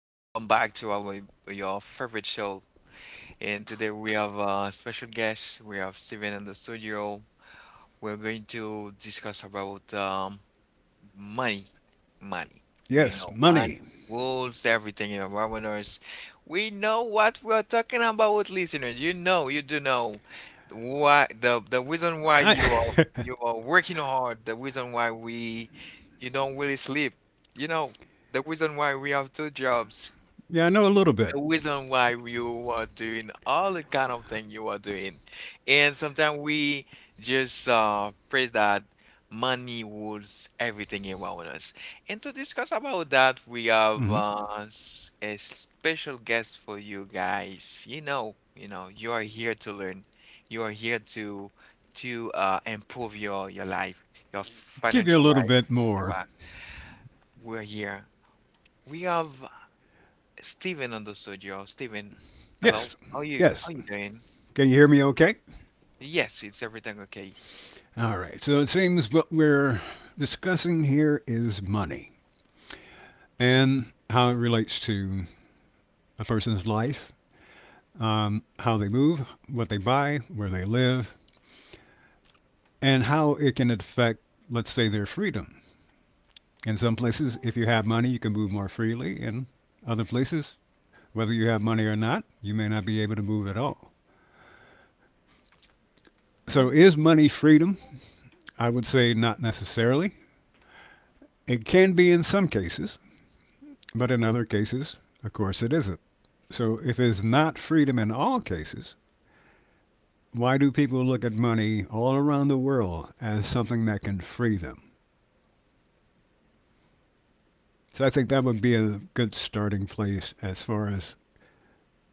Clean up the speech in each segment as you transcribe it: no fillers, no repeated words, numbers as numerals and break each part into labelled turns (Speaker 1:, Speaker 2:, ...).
Speaker 1: Welcome back to our your favorite show. And today we have a special guest. We have Steven in the studio. We're going to discuss about money, money.
Speaker 2: Yes,
Speaker 1: Money
Speaker 2: money.
Speaker 1: rules everything in webinars. We know what we're talking about with listeners. You do know why the reason why
Speaker 2: I
Speaker 1: you are you are working hard, the reason why we you don't really sleep. You know, the reason why we have two jobs,
Speaker 2: yeah, I know a little bit.
Speaker 1: the reason why you are doing all the kind of thing you are doing. And sometimes we just praise that money rules everything around us. And to discuss about that, we have
Speaker 2: Hmm
Speaker 1: a special guest for you guys. You are here to learn. You are here to improve your life, your
Speaker 2: Give you a
Speaker 1: financial
Speaker 2: little
Speaker 1: life,
Speaker 2: bit more.
Speaker 1: etc. We're here. We have Steven on the studio. Steven, hello.
Speaker 2: Yes,
Speaker 1: How you how
Speaker 2: yes.
Speaker 1: you doing?
Speaker 2: Can you hear me? Okay.
Speaker 1: Yes, it's everything okay.
Speaker 2: All right. So it seems what we're discussing here is money and how it relates to a person's life, how they move, what they buy, where they live, and how it can affect, let's say, their freedom. In some places, if you have money, you can move more freely. In other places, whether you have money or not, you may not be able to move at all. So, is money freedom? I would say not necessarily. It can be in some cases, but in other cases, of course, it isn't. So, if it's not freedom in all cases, why do people look at money all around the world as something that can free them? So, I think that would be a good starting place as far as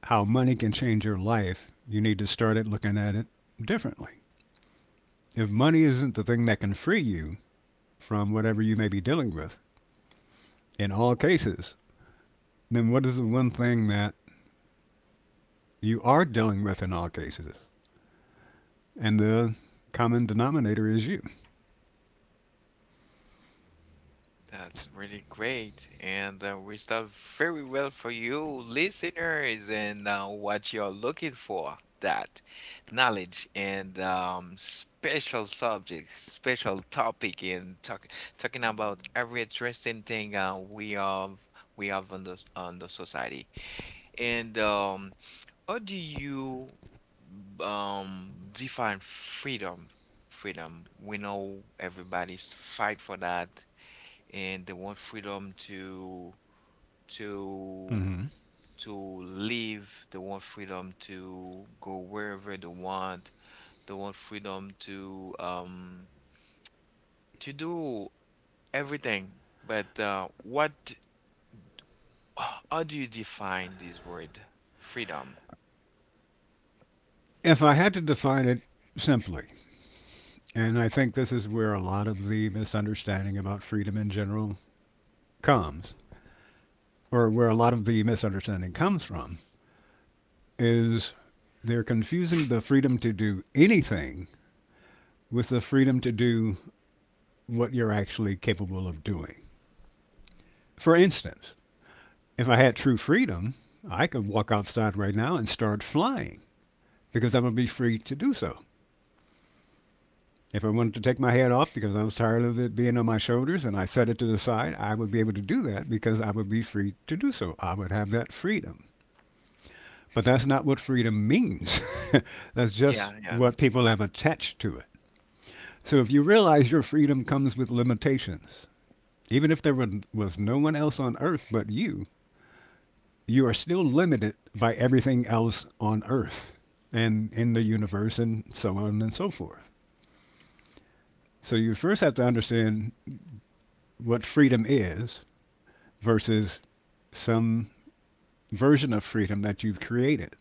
Speaker 2: how money can change your life. You need to start at looking at it differently. If money isn't the thing that can free you from whatever you may be dealing with, in all cases, then what is the one thing that you are dealing with in all cases? And the common denominator is you.
Speaker 1: That's really great. And we start very well for you listeners and what you're looking for, that knowledge and special subject, special topic and talking about every interesting thing we have on the society. And How do you define freedom? Freedom. We know everybody's fight for that, and they want freedom to to
Speaker 2: Hmm.
Speaker 1: to live. They want freedom to go wherever they want. They want freedom to do everything. But what? How do you define this word, freedom?
Speaker 2: If I had to define it simply, and I think this is where a lot of the misunderstanding about freedom in general comes, or where a lot of the misunderstanding comes from, is they're confusing the freedom to do anything with the freedom to do what you're actually capable of doing. For instance, if I had true freedom, I could walk outside right now and start flying because I would be free to do so. If I wanted to take my head off because I was tired of it being on my shoulders and I set it to the side, I would be able to do that because I would be free to do so. I would have that freedom. But that's not what freedom means. That's just
Speaker 1: Yeah, yeah.
Speaker 2: what people have attached to it. So if you realize your freedom comes with limitations, even if there was no one else on earth but you are still limited by everything else on earth and in the universe and so on and so forth. So you first have to understand what freedom is versus some version of freedom that you've created.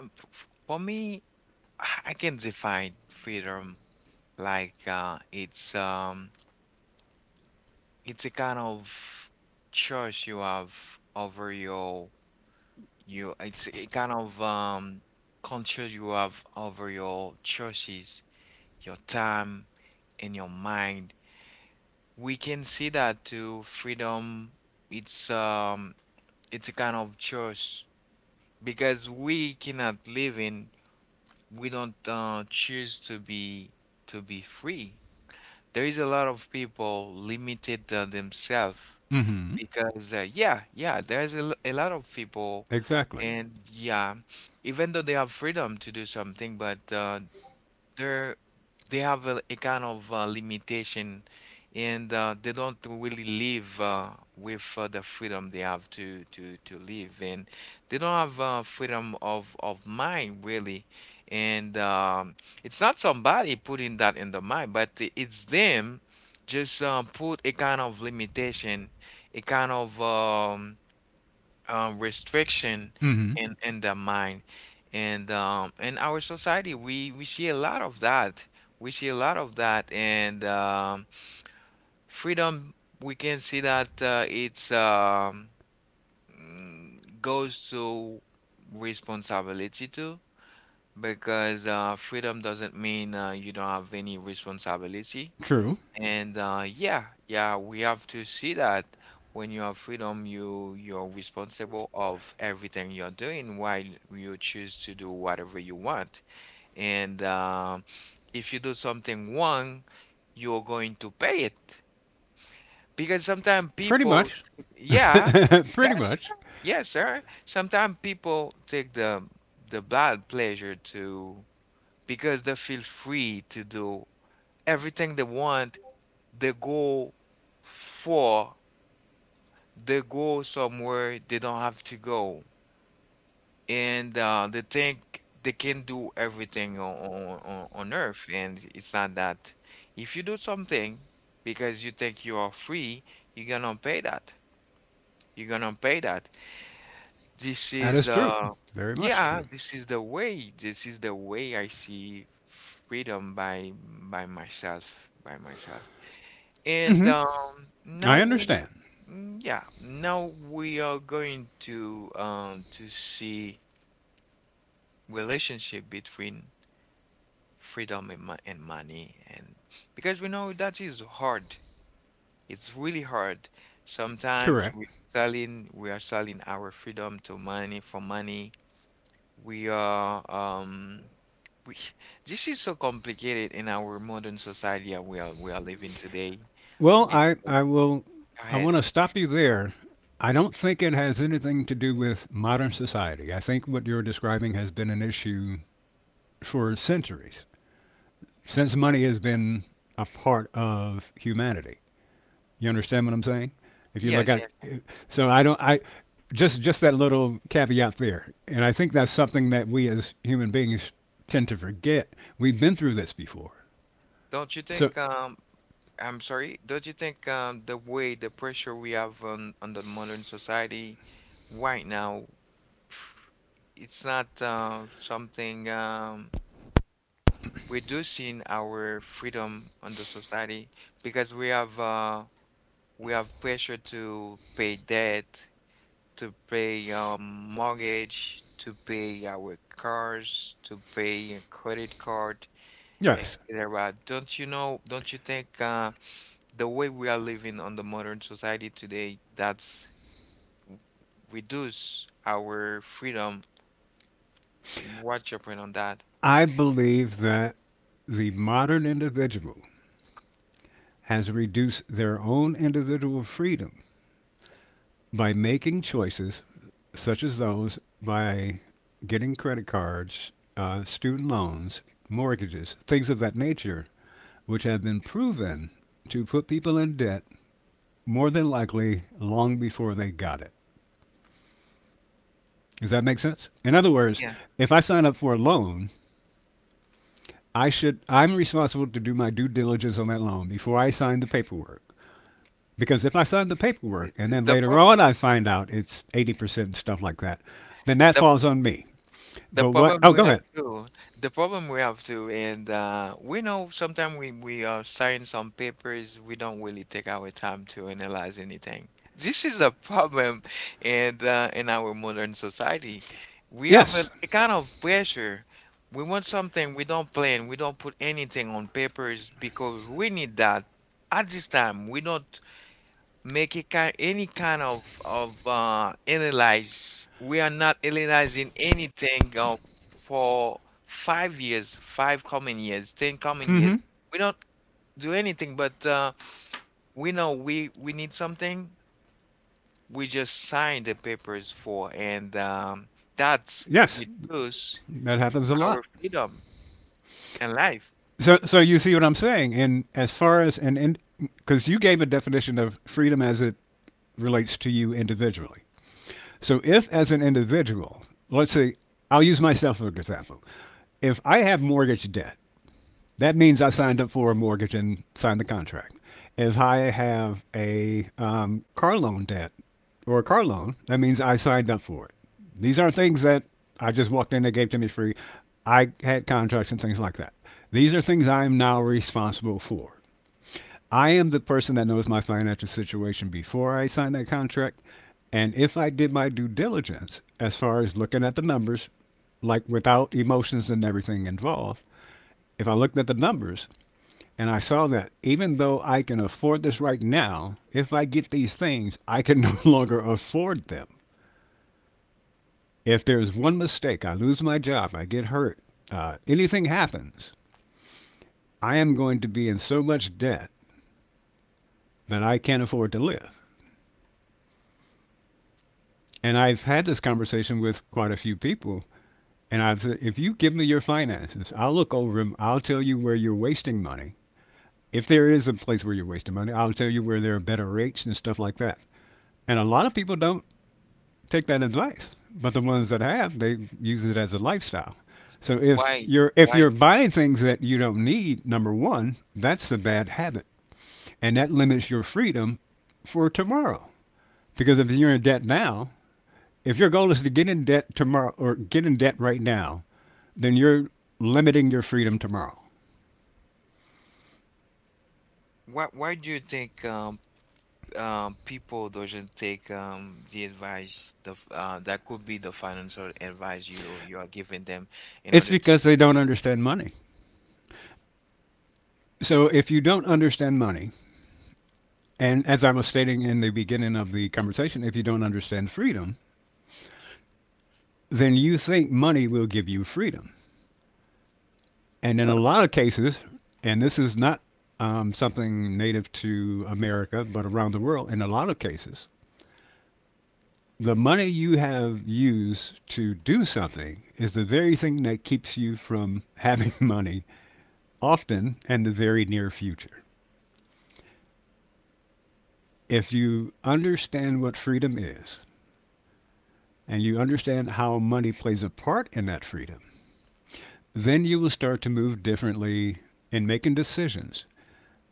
Speaker 1: For me. I can define freedom like it's a kind of choice you have over your you it's a kind of control you have over your choices, your time and your mind. We can see that too. Freedom, it's um it's a kind of choice because we cannot live in we don't choose to be free. There is a lot of people limited themselves
Speaker 2: Mm-hmm.
Speaker 1: because yeah, yeah, there's a lot of people,
Speaker 2: Exactly.
Speaker 1: and yeah, even though they have freedom to do something but they're they have a kind of limitation. And they don't really live with the freedom they have to to live, and they don't have freedom of mind really. And it's not somebody putting that in the mind, but it's them just put a kind of limitation, a kind of restriction
Speaker 2: Mm-hmm.
Speaker 1: in the mind. And in our society, we see a lot of that. We see a lot of that, and freedom. We can see that it's goes to responsibility too, because freedom doesn't mean you don't have any responsibility.
Speaker 2: True.
Speaker 1: And yeah, yeah, we have to see that when you have freedom, you're responsible of everything you're doing while you choose to do whatever you want. And if you do something wrong, you're going to pay it because sometimes
Speaker 2: Pretty
Speaker 1: people,
Speaker 2: much.
Speaker 1: yeah,
Speaker 2: Pretty
Speaker 1: yes,
Speaker 2: much.
Speaker 1: sir, yes, sir. Sometimes people take the bad pleasure to, because they feel free to do everything they want, they go for they go somewhere they don't have to go. And they think they can do everything on earth, and it's not that. If you do something because you think you are free, you're gonna pay that, you're gonna pay that. This
Speaker 2: That
Speaker 1: is
Speaker 2: is true.
Speaker 1: the
Speaker 2: Very much
Speaker 1: yeah,
Speaker 2: true.
Speaker 1: this is the way, I see freedom by myself, by myself. And
Speaker 2: Mm-hmm.
Speaker 1: now
Speaker 2: I
Speaker 1: we,
Speaker 2: understand.
Speaker 1: mm, yeah, now we are going to see relationship between freedom and, and money, and because we know that is hard. It's really hard. Sometimes
Speaker 2: Correct.
Speaker 1: we selling we are selling our freedom to money, for money. We are we this is so complicated in our modern society that we are living today.
Speaker 2: Well,
Speaker 1: Be-
Speaker 2: I will.
Speaker 1: Go
Speaker 2: I want
Speaker 1: ahead.
Speaker 2: to stop you there. I don't think it has anything to do with modern society. I think what you're describing has been an issue for centuries, since money has been a part of humanity. You understand what I'm saying? If you look
Speaker 1: Yes,
Speaker 2: at it,
Speaker 1: yes.
Speaker 2: so I don't. I just that little caveat there, and I think that's something that we as human beings tend to forget. We've been through this before.
Speaker 1: Don't you
Speaker 2: So
Speaker 1: think I'm sorry, don't you think the way, the pressure we have on the modern society right now, it's not something reducing our freedom on the society, because we have pressure to pay debt, to pay mortgage, to pay our cars, to pay a credit card,
Speaker 2: yes,
Speaker 1: etc. Don't you know, don't you think the way we are living on the modern society today, that's w- reduce our freedom? What's your point on that?
Speaker 2: I believe that the modern individual has reduced their own individual freedom by making choices such as those by getting credit cards, student loans, mortgages, things of that nature, which have been proven to put people in debt more than likely long before they got it. Does that make sense? In other words,
Speaker 1: Yeah.
Speaker 2: if I sign up for a loan, I'm responsible to do my due diligence on that loan before I sign the paperwork. Because if I sign the
Speaker 1: The,
Speaker 2: paperwork and
Speaker 1: the,
Speaker 2: then
Speaker 1: the
Speaker 2: later
Speaker 1: prob-
Speaker 2: on I find out it's 80% and stuff like that, then that falls on me.
Speaker 1: The
Speaker 2: But what?
Speaker 1: problem
Speaker 2: Oh,
Speaker 1: we
Speaker 2: go
Speaker 1: have
Speaker 2: ahead.
Speaker 1: too, the problem we have too, and we know sometimes we are signing some papers, we don't really take our time to analyze anything. This is a problem and in our modern society. We have a,
Speaker 2: Yes.
Speaker 1: a kind of pressure. We want something, we don't plan, we don't put anything on papers because we need that. At this time, we don't make a kind any kind of analyze. We are not analyzing anything for 5 years, 5 coming years, ten coming
Speaker 2: Mm-hmm.
Speaker 1: years. We don't do anything, but we know we need something. We just sign the papers for, and that's
Speaker 2: Yes.
Speaker 1: we choose
Speaker 2: That happens a
Speaker 1: our
Speaker 2: lot.
Speaker 1: freedom and life.
Speaker 2: So you see what I'm saying? And as far as, and Because you gave a definition of freedom as it relates to you individually. So, if as an individual, let's say, I'll use myself for example. If I have mortgage debt, that means I signed up for a mortgage and signed the contract. If I have a car loan debt or a car loan, that means I signed up for it. These aren't things that I just walked in, they gave to me free. I had contracts and things like that. These are things I am now responsible for. I am the person that knows my financial situation before I sign that contract. And if I did my due diligence as far as looking at the numbers, like without emotions and everything involved, if I looked at the numbers, and I saw that even though I can afford this right now, if I get these things, I can no longer afford them. If there's one mistake, I lose my job, I get hurt, anything happens, I am going to be in so much debt that I can't afford to live. And I've had this conversation with quite a few people. And I've said, if you give me your finances, I'll look over them. I'll tell you where you're wasting money. If there is a place where you're wasting money, I'll tell you where there are better rates and stuff like that. And a lot of people don't take that advice. But the ones that have, they use it as a lifestyle. So if
Speaker 1: Why?
Speaker 2: you're if
Speaker 1: Why?
Speaker 2: you're buying things that you don't need, number one, that's a bad habit, and that limits your freedom for tomorrow. Because if you're in debt now, if your goal is to get in debt tomorrow or get in debt right now, then you're limiting your freedom tomorrow.
Speaker 1: Why? Why do you think people doesn't take the advice, that could be the financial advice you are giving them in
Speaker 2: It's
Speaker 1: order to,
Speaker 2: because they don't understand money. So if you don't understand money, and as I was stating in the beginning of the conversation, if you don't understand freedom, then you think money will give you freedom. And in a lot of cases, and this is not something native to America, but around the world, in a lot of cases, the money you have used to do something is the very thing that keeps you from having money, often in the very near future. If you understand what freedom is, and you understand how money plays a part in that freedom, then you will start to move differently in making decisions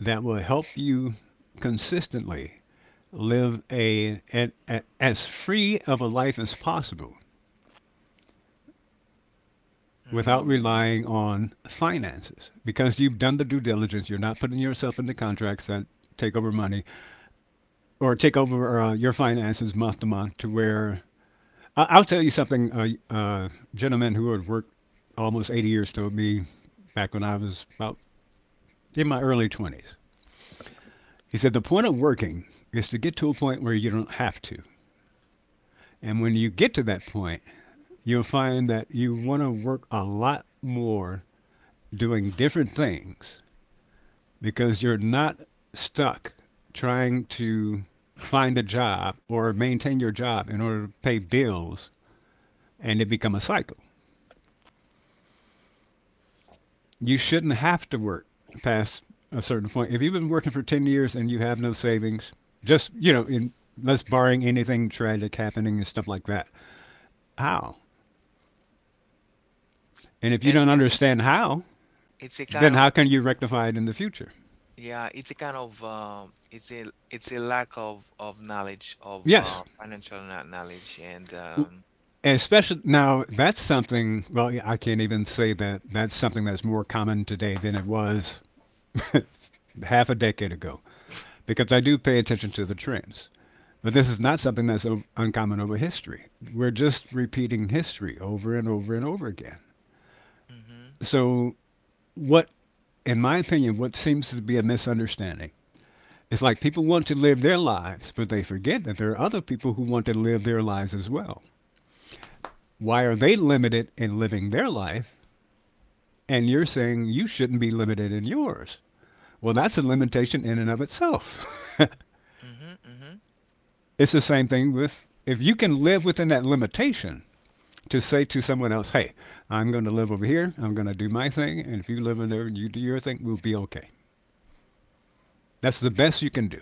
Speaker 2: that will help you consistently live a as free of a life as possible without
Speaker 1: mm,
Speaker 2: relying on finances because you've done the due diligence. You're not putting yourself into contracts that take over money or take over your finances month to month to where I'll tell you something. A uh, gentleman who had worked almost 80 years told me back when I was about in my early 20s. He said, the point of working is to get to a point where you don't have to. And when you get to that point, you'll find that you want to work a lot more doing different things because you're not stuck trying to find a job or maintain your job in order to pay bills and it become a cycle. You shouldn't have to work past a certain point. If you've been working for 10 years and you have no savings, just, you know, in let's barring anything tragic happening and stuff like that. How? And if you
Speaker 1: and
Speaker 2: don't
Speaker 1: it's
Speaker 2: understand how,
Speaker 1: a kind
Speaker 2: then
Speaker 1: of,
Speaker 2: how can you rectify it in the future?
Speaker 1: yeah, it's a kind of it's a lack of knowledge of
Speaker 2: Yes,
Speaker 1: financial knowledge. And
Speaker 2: especially now, that's something. Well, yeah, I can't even say that that's something that's more common today than it was half a decade ago, because I do pay attention to the trends. But this is not something that's uncommon over history. We're just repeating history over and over and over again.
Speaker 1: hmm,
Speaker 2: So, what, in my opinion, what seems to be a misunderstanding is like people want to live their lives, but they forget that there are other people who want to live their lives as well. Why are they limited in living their life and you're saying you shouldn't be limited in yours. Well, that's a limitation in and of itself.
Speaker 1: hmm, hmm,
Speaker 2: It's the same thing with if you can live within that limitation to say to someone else, hey, I'm going to live over here, I'm going to do my thing, and if you live in there and you do your thing, we'll be okay. That's the best you can do.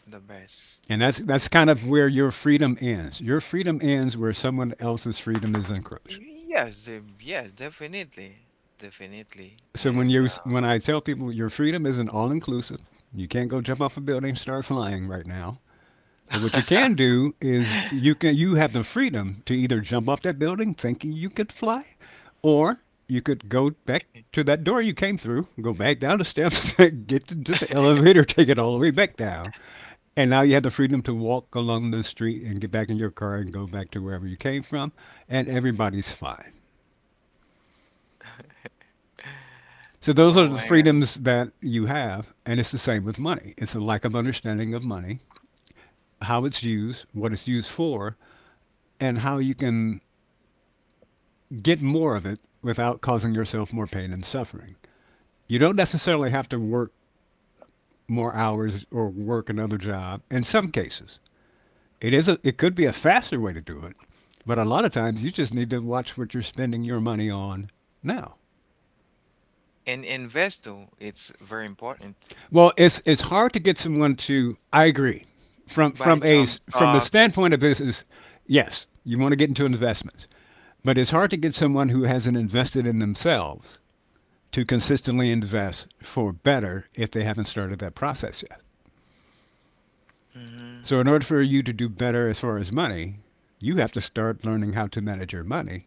Speaker 1: the best,
Speaker 2: And that's kind of where your freedom ends. Your freedom ends where someone else's freedom is encroached.
Speaker 1: yes, yes, definitely, definitely.
Speaker 2: So
Speaker 1: And
Speaker 2: when I tell people your freedom isn't all inclusive, you can't go jump off a building and start flying right now. But what you can do is you have the freedom to either jump off that building thinking you could fly, or you could go back to that door you came through, go back down the steps, get into the elevator, take it all the way back down. And now you have the freedom to walk along the street and get back in your car and go back to wherever you came from, and everybody's fine. So those
Speaker 1: oh
Speaker 2: are the
Speaker 1: my
Speaker 2: freedoms that you have, and it's the same with money. It's a lack of understanding of money, how it's used, what it's used for, and how you can get more of it without causing yourself more pain and suffering. You don't necessarily
Speaker 1: God.
Speaker 2: have to work more hours or work another job. In some cases, it could be a faster way to do it, but a lot of times you just need to watch what you're spending your money on now.
Speaker 1: And invest though, it's very important.
Speaker 2: Well, it's hard to get someone to. I agree. From
Speaker 1: Buy
Speaker 2: from a
Speaker 1: some
Speaker 2: s- from the
Speaker 1: stocks.
Speaker 2: standpoint of business, yes, you want to get into investments, but it's
Speaker 1: Yeah.
Speaker 2: hard to get someone who hasn't invested in themselves to consistently invest for better if they haven't started that process yet.
Speaker 1: Hmm.
Speaker 2: So, in order for you to do better as far as money, you have to start learning how to manage your money.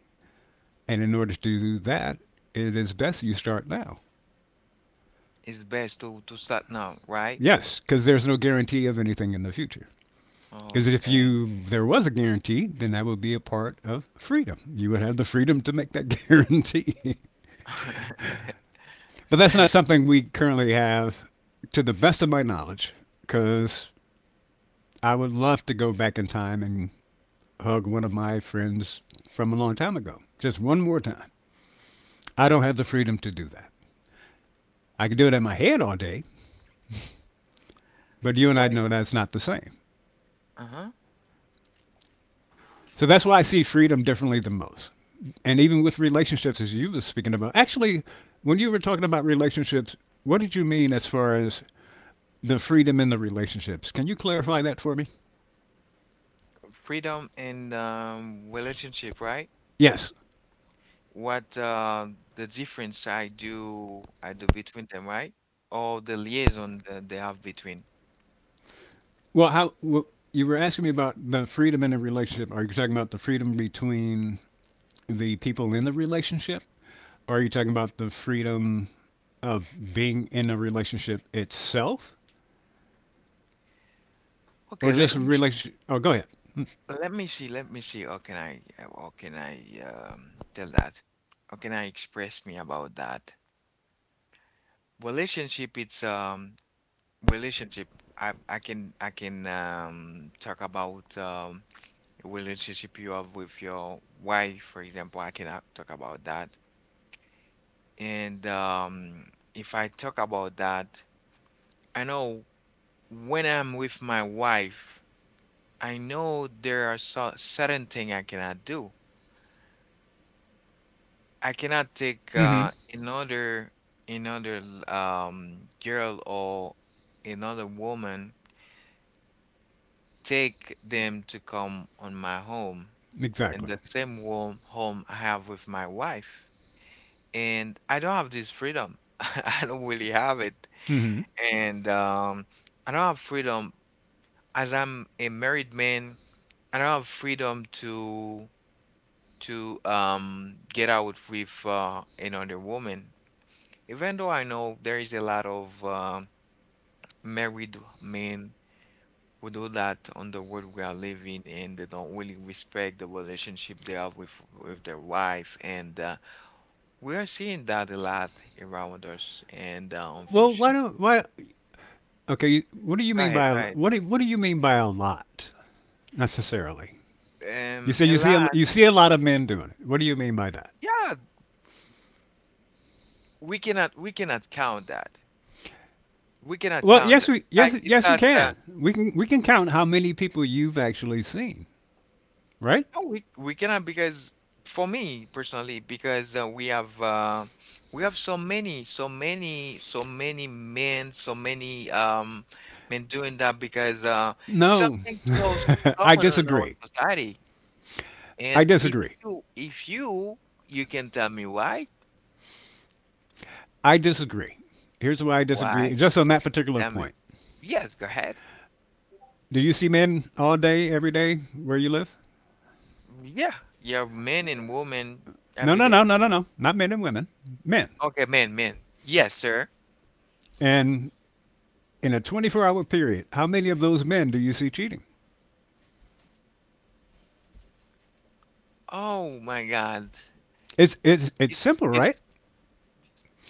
Speaker 2: And in order to do that, it is best you start now.
Speaker 1: It's best to start now, right?
Speaker 2: Yes, because there's no guarantee of anything in the future. Because if
Speaker 1: Okay.
Speaker 2: you there was a guarantee, then that would be a part of freedom. You would have the freedom to make that guarantee. But that's not something we currently have, to the best of my knowledge. Because I would love to go back in time and hug one of my friends from a long time ago, just one more time. I don't have the freedom to do that. I can do it in my head all day, but you and I
Speaker 1: Wait.
Speaker 2: know that's not the same.
Speaker 1: Uh-huh.
Speaker 2: So that's why I see freedom differently than most. And even with relationships, as you were speaking about, actually, when you were talking about relationships, what did you mean as far as the freedom in the relationships? Can you clarify that for me?
Speaker 1: Freedom and relationship, right?
Speaker 2: Yes.
Speaker 1: What the difference I do between them, right? Or the liaison that they have between.
Speaker 2: Well, you were asking me about the freedom in a relationship. Are you talking about the freedom between the people in the relationship? Or are you talking about the freedom of being in a relationship itself,
Speaker 1: Okay,
Speaker 2: or just a relationship? Oh, go ahead.
Speaker 1: let me see. How can I tell that? How can I express me about that? Relationship, it's relationship. I can talk about relationship you have with your wife, for example. I can talk about that. And if I talk about that, I know when I'm with my wife, I know there are so certain thing I cannot do. I cannot take
Speaker 2: Mm-hmm.
Speaker 1: another another girl or another woman, take them to come on my home, in
Speaker 2: Exactly.
Speaker 1: the same warm home I have with my wife. And I don't have this freedom. I don't really have it.
Speaker 2: Mm-hmm.
Speaker 1: And I don't have freedom as I'm a married man. I don't have freedom to get out with another woman. Even though I know there is a lot of married men. We do that on the world we are living in, they don't really respect the relationship they have with their wife, and we are seeing that a lot around us. And
Speaker 2: Well, why
Speaker 1: unfortunately,
Speaker 2: don't why? Okay, you- what do you
Speaker 1: go
Speaker 2: mean
Speaker 1: ahead,
Speaker 2: by
Speaker 1: go
Speaker 2: a-
Speaker 1: ahead.
Speaker 2: what? Do, what do you mean by a lot necessarily? You say
Speaker 1: A lot,
Speaker 2: you see a lot of men doing it. What do you mean by that?
Speaker 1: yeah. We cannot count that. We cannot
Speaker 2: Well,
Speaker 1: count that.
Speaker 2: yes,
Speaker 1: It's
Speaker 2: we
Speaker 1: like
Speaker 2: yes
Speaker 1: it's
Speaker 2: yes we
Speaker 1: that.
Speaker 2: can. We can count how many people you've actually seen, right?
Speaker 1: No, we cannot, because for me personally, because we have so many, so many, so many men doing that, because it's
Speaker 2: No,
Speaker 1: something so
Speaker 2: I
Speaker 1: common in our
Speaker 2: disagree.
Speaker 1: society.
Speaker 2: I
Speaker 1: And if
Speaker 2: disagree.
Speaker 1: you if you you can tell me why
Speaker 2: I disagree. Here's why I
Speaker 1: why
Speaker 2: disagree. Just on that particular
Speaker 1: tell me,
Speaker 2: point,
Speaker 1: yes, go ahead.
Speaker 2: do you see men all day, every day, where you live?
Speaker 1: Yeah, yeah, men and women
Speaker 2: No,
Speaker 1: every
Speaker 2: no,
Speaker 1: day.
Speaker 2: no, no, no, no. Not men and women. Men.
Speaker 1: Okay, men, men, yes, sir.
Speaker 2: And in a 24-hour period, how many of those men do you see cheating?
Speaker 1: Oh my God,
Speaker 2: It's
Speaker 1: it's
Speaker 2: simple,
Speaker 1: it's
Speaker 2: right?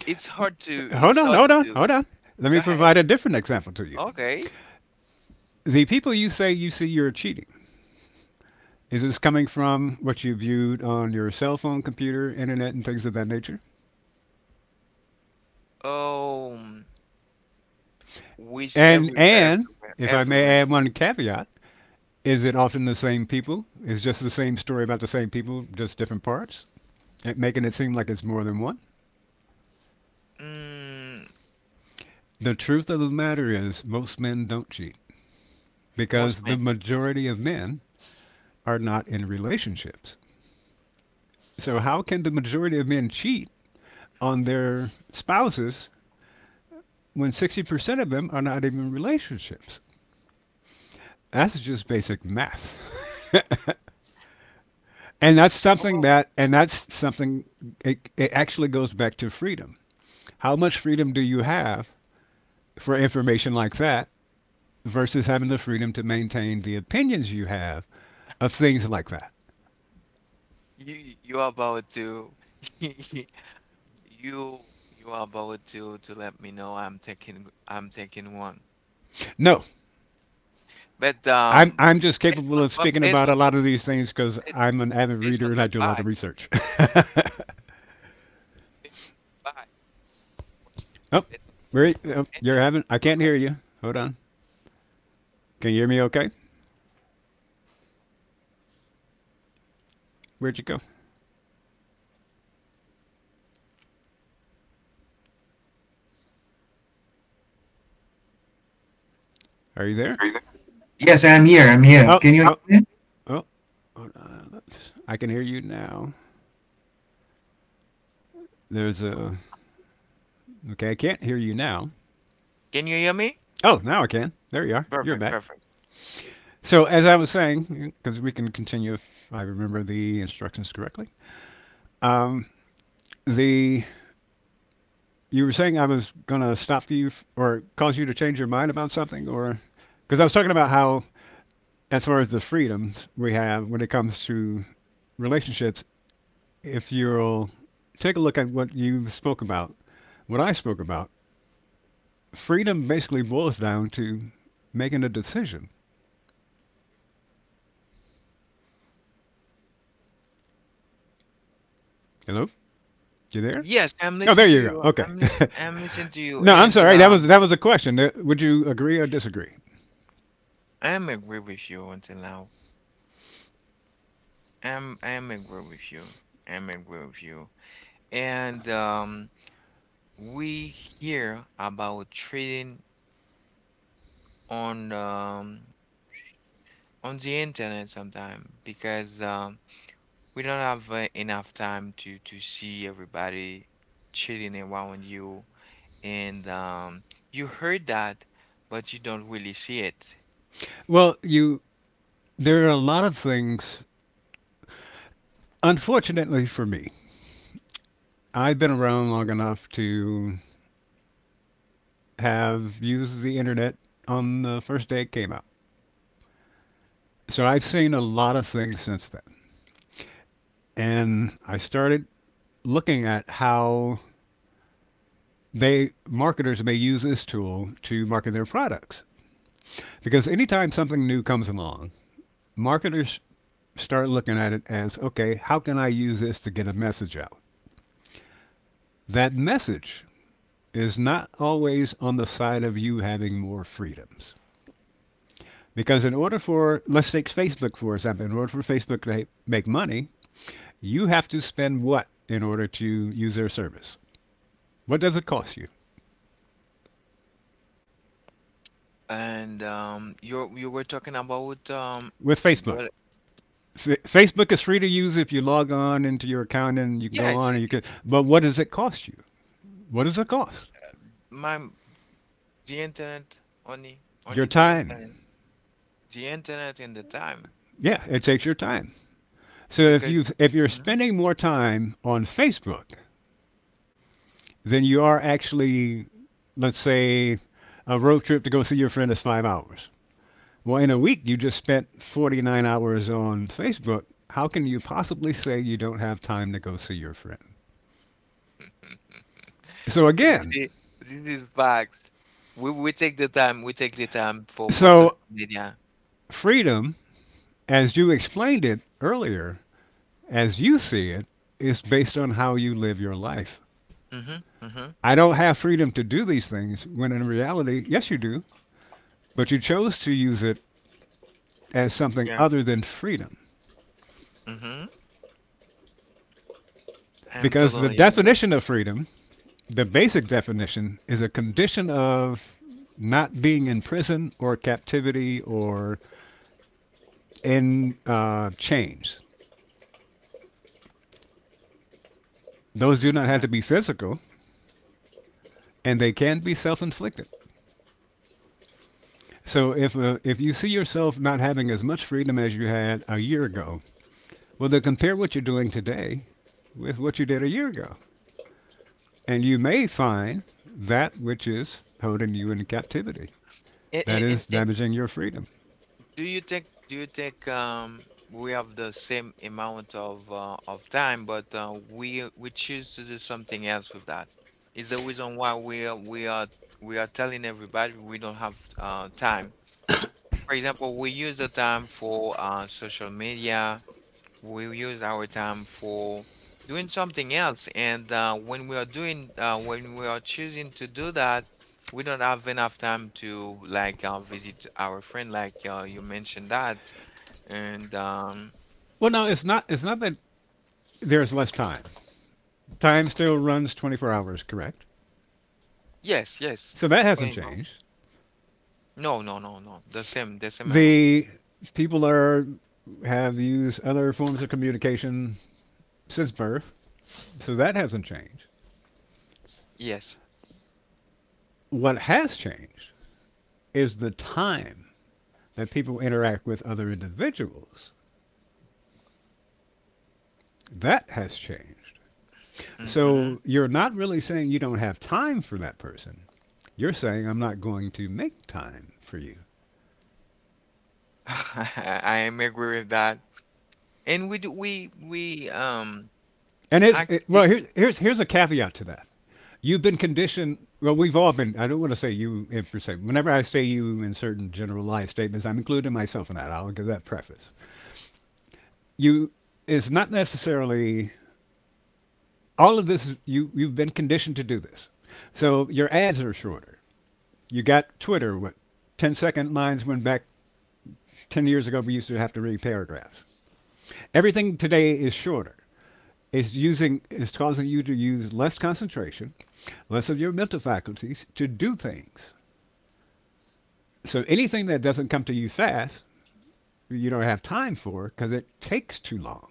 Speaker 1: It's hard to
Speaker 2: Hold
Speaker 1: it's
Speaker 2: on,
Speaker 1: hard
Speaker 2: hold on,
Speaker 1: to
Speaker 2: hold on. Let
Speaker 1: go
Speaker 2: me
Speaker 1: ahead.
Speaker 2: provide a different example to you.
Speaker 1: Okay.
Speaker 2: The people you say you see you're cheating. Is this coming from what you viewed on your cell phone, computer, internet, and things of that nature?
Speaker 1: Um, Wish everywhere,
Speaker 2: And
Speaker 1: everywhere,
Speaker 2: if I may
Speaker 1: everywhere.
Speaker 2: add one caveat, is it often the same people? Is just the same story about the same people, just different parts? Making it seem like it's more than one.
Speaker 1: Mm,
Speaker 2: The truth of the matter is, most men don't cheat
Speaker 1: most
Speaker 2: because the
Speaker 1: men.
Speaker 2: majority of men are not in relationships. So, how can the majority of men cheat on their spouses when 60% of them are not even in relationships? That's just basic math. And that's something
Speaker 1: Oh.
Speaker 2: that, and that's something, it actually goes back to freedom. How much freedom do you have for information like that versus having the freedom to maintain the opinions you have of things like that.
Speaker 1: You are about to you you are about to let me know I'm taking one.
Speaker 2: No,
Speaker 1: But
Speaker 2: I'm I'm just
Speaker 1: based
Speaker 2: capable
Speaker 1: on,
Speaker 2: of
Speaker 1: but
Speaker 2: speaking
Speaker 1: based
Speaker 2: about a
Speaker 1: on the
Speaker 2: lot of these things because
Speaker 1: ba-
Speaker 2: I'm an avid
Speaker 1: based on
Speaker 2: reader and
Speaker 1: the
Speaker 2: I do a lot of
Speaker 1: facts,
Speaker 2: research.
Speaker 1: based on the facts,
Speaker 2: Oh,
Speaker 1: based on
Speaker 2: where oh,
Speaker 1: the
Speaker 2: you're
Speaker 1: nature
Speaker 2: having? I can't hear
Speaker 1: provided.
Speaker 2: you. Hold on. Can you hear me? Okay. Where'd you go? Are you there?
Speaker 1: Yes.
Speaker 2: Oh, oh, oh. I can hear you now. There's a okay. I can't hear you now.
Speaker 1: Can you hear me?
Speaker 2: Oh, now I can. There you are. You're
Speaker 1: Perfect,
Speaker 2: back.
Speaker 1: perfect.
Speaker 2: So as I was saying, because we can continue if I remember the instructions correctly. Um, the You were saying I was going to stop you or cause you to change your mind about something, or because I was talking about how, as far as the freedoms we have when it comes to relationships, if you'll take a look at what you spoke about, what I spoke about, freedom basically boils down to making a decision. Hello, you there?
Speaker 1: Yes, I'm
Speaker 2: Oh, there
Speaker 1: listening to
Speaker 2: you go.
Speaker 1: you.
Speaker 2: Okay.
Speaker 1: I'm listening. I'm listening to you,
Speaker 2: No, I'm
Speaker 1: and
Speaker 2: sorry. That was that was a question. Would you agree or disagree?
Speaker 1: I am agree with you until now. I am agree with you. I'm agree with you. And we hear about trading on um on the internet sometimes, because we don't have enough time to see everybody trading around you, and you heard that, but you don't really see it.
Speaker 2: Well, you there are a lot of things, unfortunately for me, I've been around long enough to have used the internet on the first day it came out. So I've seen a lot of things since then. And I started looking at how they marketers may use this tool to market their products. Because anytime something new comes along, marketers start looking at it as, okay, how can I use this to get a message out? That message is not always on the side of you having more freedoms. Because in order for, let's take Facebook for example, in order for Facebook to make money, you have to spend what in order to use their service? What does it cost you
Speaker 1: And you were talking about
Speaker 2: with Facebook?
Speaker 1: well,
Speaker 2: F- Facebook is free to use if you log on into your account and you can
Speaker 1: yeah,
Speaker 2: go
Speaker 1: it's
Speaker 2: on and you can.
Speaker 1: it's
Speaker 2: But what does it cost you? What does it cost?
Speaker 1: my the internet, only
Speaker 2: Your
Speaker 1: only the
Speaker 2: time.
Speaker 1: internet, the internet and the time,
Speaker 2: Yeah,
Speaker 1: yeah,
Speaker 2: it takes your time. So
Speaker 1: because,
Speaker 2: if you're
Speaker 1: mhm.
Speaker 2: spending more time on Facebook than you are actually, let's say, a road trip to go see your friend is 5 hours. Well, in a week you just spent 49 hours on Facebook. How can you possibly say you don't have time to go see your friend? So,
Speaker 1: You
Speaker 2: again,
Speaker 1: see, this is facts. We take the time, for
Speaker 2: so
Speaker 1: social media.
Speaker 2: freedom, as you explained it earlier, as you see it, is based on how you live your life.
Speaker 1: Mm-hmm. Mm-hmm.
Speaker 2: I don't have freedom to do these things when in reality, yes, you do, but you chose to use it as something
Speaker 1: Yeah.
Speaker 2: other than freedom.
Speaker 1: Mm-hmm. I'm
Speaker 2: Because the
Speaker 1: totally agree.
Speaker 2: definition of freedom, the basic definition is a condition of not being in prison or captivity or in chains. Those do
Speaker 1: Mm,
Speaker 2: not have
Speaker 1: yeah.
Speaker 2: to be physical, and they can be self-inflicted. So if you see yourself not having as much freedom as you had a year ago, well, then compare what you're doing today with what you did a year ago, and you may find that which is holding you in captivity.
Speaker 1: And,
Speaker 2: That is
Speaker 1: and,
Speaker 2: damaging your freedom.
Speaker 1: do you think we have the same amount of time, but we choose to do something else with that? Is the reason why we are telling everybody we don't have time. For example, we use the time for social media. We use our time for doing something else, and when we are choosing to do that, we don't have enough time to like visit our friend, like you mentioned that, and
Speaker 2: Well, no, it's not. It's not that there's less time. Time still runs 24 hours, correct?
Speaker 1: yes, yes,
Speaker 2: So that hasn't
Speaker 1: plain one.
Speaker 2: changed.
Speaker 1: No, no, no, no. The same one.
Speaker 2: The People are have used other forms of communication since birth, so that hasn't changed.
Speaker 1: Yes.
Speaker 2: What has changed is the time that people interact with other individuals. That has changed.
Speaker 1: Mm-hmm.
Speaker 2: So you're not really saying you don't have time for that person. You're saying I'm not going to make time for you.
Speaker 1: I am agree with that. And we do, we
Speaker 2: And it's it,
Speaker 1: actually.
Speaker 2: well. Here, here's a caveat to that. You've been conditioned. Well, we've all been. I don't want to say you in per se. Whenever I say you in certain generalized statements, I'm including myself in that. I'll give that preface. You is not necessarily all of this. You've been conditioned to do this. So your ads are shorter. You got Twitter. What 10 second lines went back 10 years ago we used to have to read paragraphs. Everything today is shorter. Is causing you to use less concentration, less of your mental faculties to do things. So anything that doesn't come to you fast, you don't have time for because it takes too long.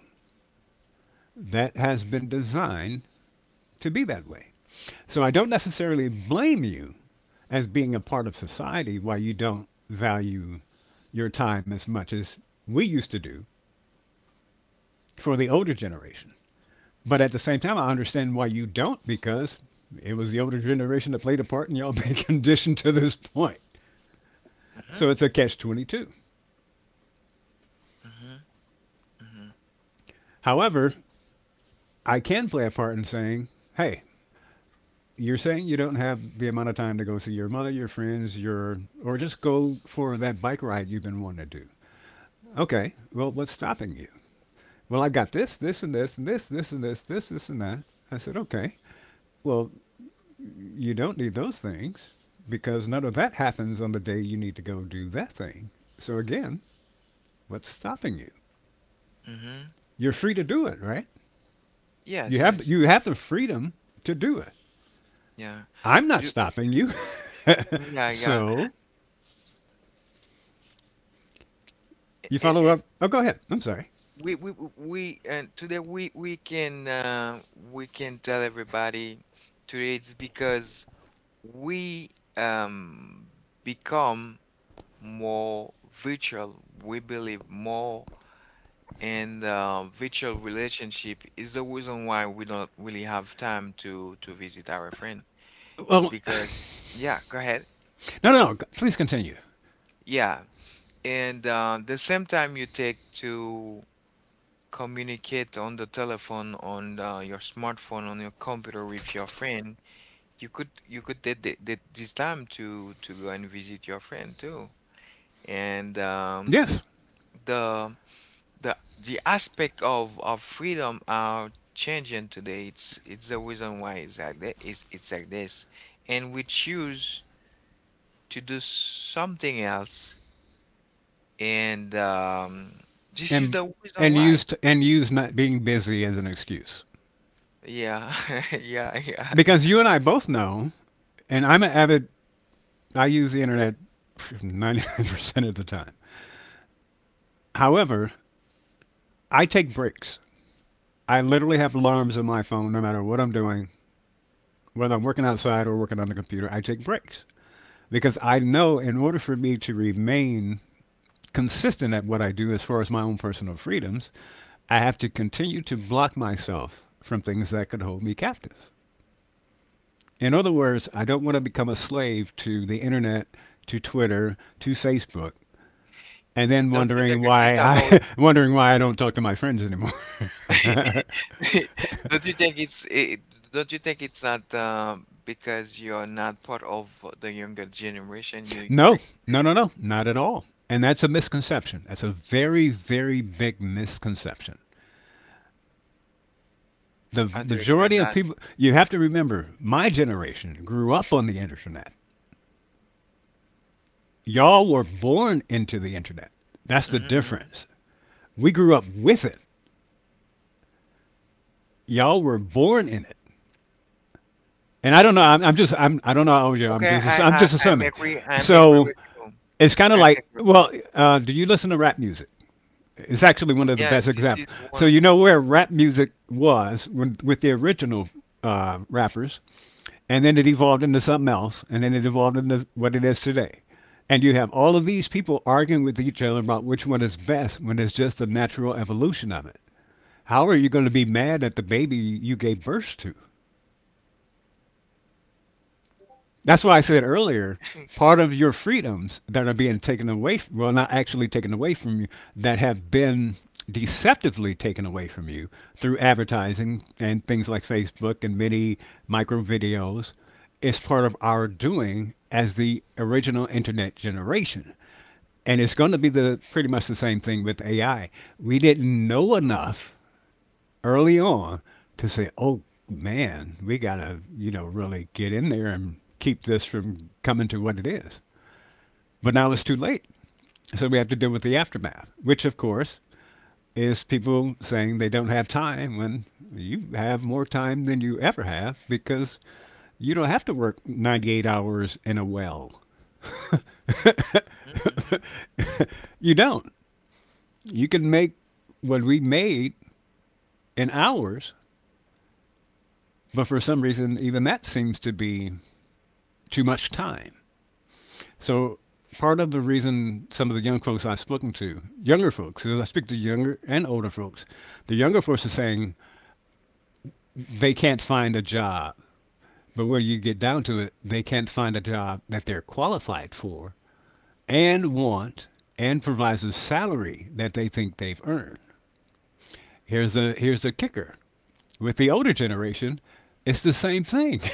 Speaker 2: That has been designed to be that way. So I don't necessarily blame you as being a part of society why you don't value your time as much as we used to do for the older generation. But at the same time, I understand why you don't because it was the older generation that played a part and y'all been conditioned to this point.
Speaker 1: Mm-hmm,
Speaker 2: So it's a catch 22.
Speaker 1: mm-hmm, mm-hmm,
Speaker 2: However, I can play a part in saying, hey, you're saying you don't have the amount of time to go see your mother, your friends, your or just go for that bike ride you've been wanting to do. Okay, well, what's stopping you? Well, I've got this, this, and this, and this, this, and this, this, this, and that. I said, okay. Well, you don't need those things because none of that happens on the day you need to go do that thing. So again, what's stopping you?
Speaker 1: mm-hmm.
Speaker 2: You're free to do it, right? You
Speaker 1: Yes,
Speaker 2: have the,
Speaker 1: yes,
Speaker 2: you have the freedom to do it.
Speaker 1: yeah.
Speaker 2: I'm not
Speaker 1: Do
Speaker 2: stopping you.
Speaker 1: Yeah, yeah.
Speaker 2: So you
Speaker 1: And,
Speaker 2: follow
Speaker 1: and
Speaker 2: up. Oh, go ahead. I'm sorry.
Speaker 1: today we can tell everybody today it's because we um become more virtual. We believe more in the virtual relationship is the reason why we don't really have time to visit our friend. It's
Speaker 2: Well,
Speaker 1: because. Yeah, go ahead.
Speaker 2: no, no, no, please continue.
Speaker 1: Yeah, and the same time you take to communicate on the telephone, on your smartphone, on your computer with your friend, you could take this time to go and visit your friend too. And
Speaker 2: Yes,
Speaker 1: the the aspect of freedom are changing today. It's the reason why it's like that. It's like this, and we choose to do something else, and this is
Speaker 2: and
Speaker 1: the reason
Speaker 2: and
Speaker 1: why.
Speaker 2: and use not being busy as an excuse,
Speaker 1: Yeah, yeah, yeah,
Speaker 2: because
Speaker 1: yeah.
Speaker 2: you and I both know, and I'm an avid. I use the internet 99% of the time. However, I take breaks. I literally have alarms on my phone no matter what I'm doing, whether I'm working outside or working on the computer. I take breaks because I know in order for me to remain consistent at what I do as far as my own personal freedoms, I have to continue to block myself from things that could hold me captive. In other words, I don't want to become a slave to the internet, to Twitter, to Facebook, and then
Speaker 1: Don't you think
Speaker 2: wondering why
Speaker 1: it's about?
Speaker 2: I wondering why I don't talk to my friends anymore.
Speaker 1: Don't you think it's? It, Don't you think it's not because you're not part of the younger generation? You
Speaker 2: No,
Speaker 1: think?
Speaker 2: no, no, no, not at all. And that's a misconception. That's a very, very big misconception. The
Speaker 1: How do you explain
Speaker 2: majority of
Speaker 1: that?
Speaker 2: people, you have to remember, my generation grew up on the internet. Y'all were born into the internet. That's the
Speaker 1: Hmm.
Speaker 2: difference. We grew up with it. Y'all were born in it. And I don't know. I'm just. I'm. I don't know how old you are.
Speaker 1: Okay,
Speaker 2: I'm
Speaker 1: I I
Speaker 2: just
Speaker 1: I'm
Speaker 2: assuming.
Speaker 1: agree I'm agree
Speaker 2: So
Speaker 1: with you.
Speaker 2: it's kind of
Speaker 1: I'm
Speaker 2: like,
Speaker 1: agree with you.
Speaker 2: well, do you listen to rap music? Is actually one of the
Speaker 1: Yes,
Speaker 2: best
Speaker 1: this is
Speaker 2: examples.
Speaker 1: the
Speaker 2: So
Speaker 1: one.
Speaker 2: you know where rap music was when, with the original rappers, and then it evolved into something else, and then it evolved into what it is today. And you have all of these people arguing with each other about which one is best when it's just the natural evolution of it. How are you going to be mad at the baby you gave birth to? That's why I said earlier, part of your freedoms that are being taken away, well, not actually taken away from you, that have been deceptively taken away from you through advertising and things like Facebook and many micro videos, is part of our doing as the original internet generation. And it's going to be the pretty much the same thing with AI. We didn't know enough early on to say, oh man, we gotta, you know, really get in there and keep this from coming to what it is. But now it's too late, so we have to deal with the aftermath, which of course is people saying they don't have time when you have more time than you ever have, because you don't have to work 98 hours in a well.
Speaker 1: Mhm, mhm,
Speaker 2: You don't. You can make what we made in hours, but for some reason, even that seems to be too much time. So part of the reason, some of the young folks I've spoken to, younger folks, because I speak to younger and older folks. The younger folks are saying they can't find a job, but where you get down to it, they can't find a job that they're qualified for and want and provides a salary that they think they've earned. Here's the kicker. With the older generation, it's the same thing.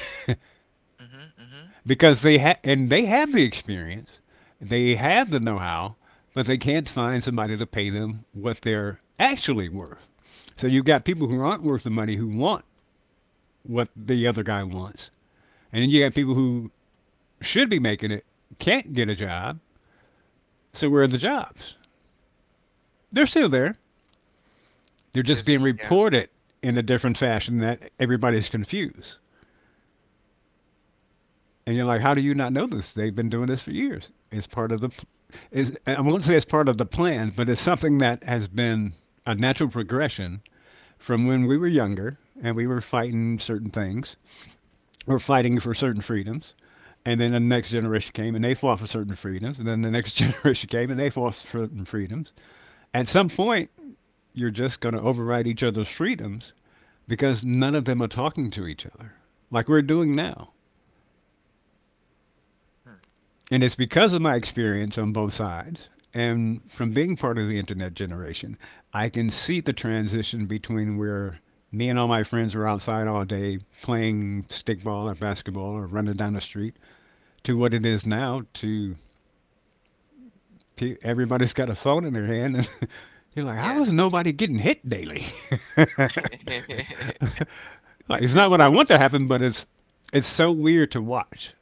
Speaker 1: mhm, mhm.
Speaker 2: Because they ha- and they have the experience, they have the know-how, but they can't find somebody to pay them what they're actually worth. So you've got people who aren't worth the money who want what the other guy wants, and then you got people who should be making it can't get a job. So where are the jobs? They're still there. They're just
Speaker 1: Just
Speaker 2: being
Speaker 1: yeah.
Speaker 2: reported in a different fashion that everybody's confused. And you're like, how do you not know this? They've been doing this for years. It's part of the, is I won't say it's part of the plan, but it's something that has been a natural progression from when we were younger and we were fighting certain things or fighting for certain freedoms. And then the next generation came and they fought for certain freedoms. And then the next generation came and they fought for certain freedoms. At some point, you're just going to override each other's freedoms because none of them are talking to each other like we're doing now.
Speaker 1: Hmm.
Speaker 2: And it's because of my experience on both sides and from being part of the internet generation, I can see the transition between where me and all my friends were outside all day playing stickball or basketball or running down the street to what it is now to everybody's got a phone in their hand, and you're like, how
Speaker 1: Yes,
Speaker 2: is
Speaker 1: this is,
Speaker 2: nobody getting hit daily? Like,
Speaker 1: this
Speaker 2: it's
Speaker 1: is
Speaker 2: not what I
Speaker 1: you.
Speaker 2: want to happen, but it's so weird to watch.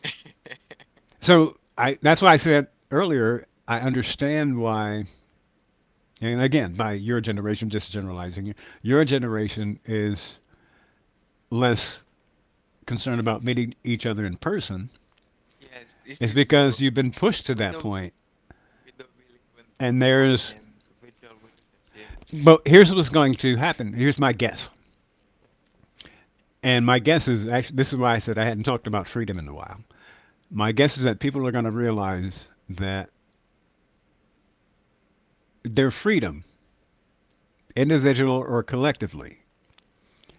Speaker 2: So I that's why I said earlier I understand why, and again, by your generation, just generalizing, your generation is less concerned about meeting each other in person
Speaker 1: Yes, this
Speaker 2: is
Speaker 1: is you.
Speaker 2: because you've been pushed to
Speaker 1: We
Speaker 2: that
Speaker 1: don't
Speaker 2: point.
Speaker 1: we don't believe in
Speaker 2: And
Speaker 1: smartphone
Speaker 2: there's,
Speaker 1: and virtual relationship.
Speaker 2: but here's what's going to happen. Here's my guess. And my guess is actually, this is why I said I hadn't talked about freedom in a while. My guess is that people are going to realize that their freedom, individual or collectively,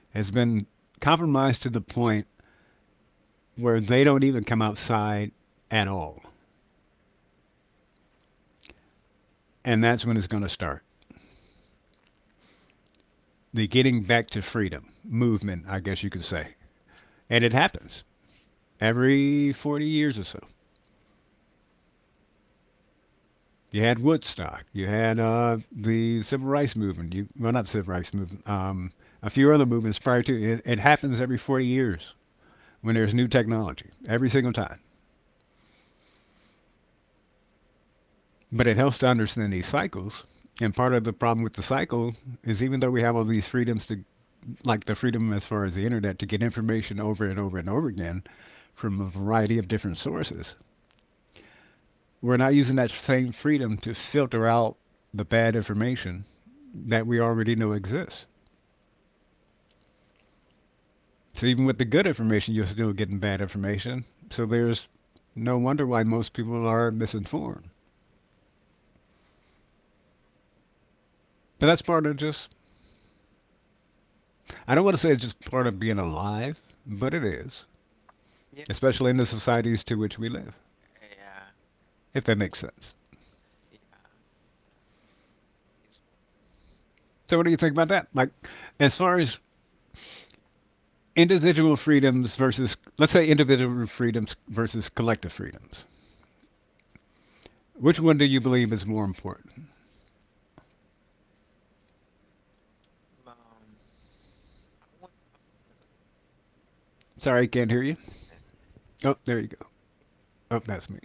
Speaker 2: has been compromised to the point where they don't even come outside at all. And that's when it's going to start, the getting back to freedom movement, I guess you could say. And it happens every 40 years or so. You had Woodstock. You had the civil rights movement. You well, not the civil rights movement. A few other movements prior to it. It happens every 40 years when there's new technology. Every single time. But it helps to understand these cycles. And part of the problem with the cycle is, even though we have all these freedoms to, like the freedom as far as the internet, to get information over and over and over again from a variety of different sources, we're not using that same freedom to filter out the bad information that we already know exists. So even with the good information, you're still getting bad information. So there's no wonder why most people are misinformed. But that's part of just, I don't want to say it's just part of being alive, but it is,
Speaker 1: Yes, it's
Speaker 2: especially in the
Speaker 1: it,
Speaker 2: societies to which we live,
Speaker 1: yeah,
Speaker 2: if that makes sense.
Speaker 1: yeah. It's part of,
Speaker 2: So what do you think about that? Like, as far as individual freedoms versus, let's say, individual freedoms versus collective freedoms, which
Speaker 1: and
Speaker 2: one do you believe is more important?
Speaker 1: um, I want to talk about the importance
Speaker 2: Sorry, I can't hear you.
Speaker 1: of.
Speaker 2: Oh, there you go. Oh, that's me.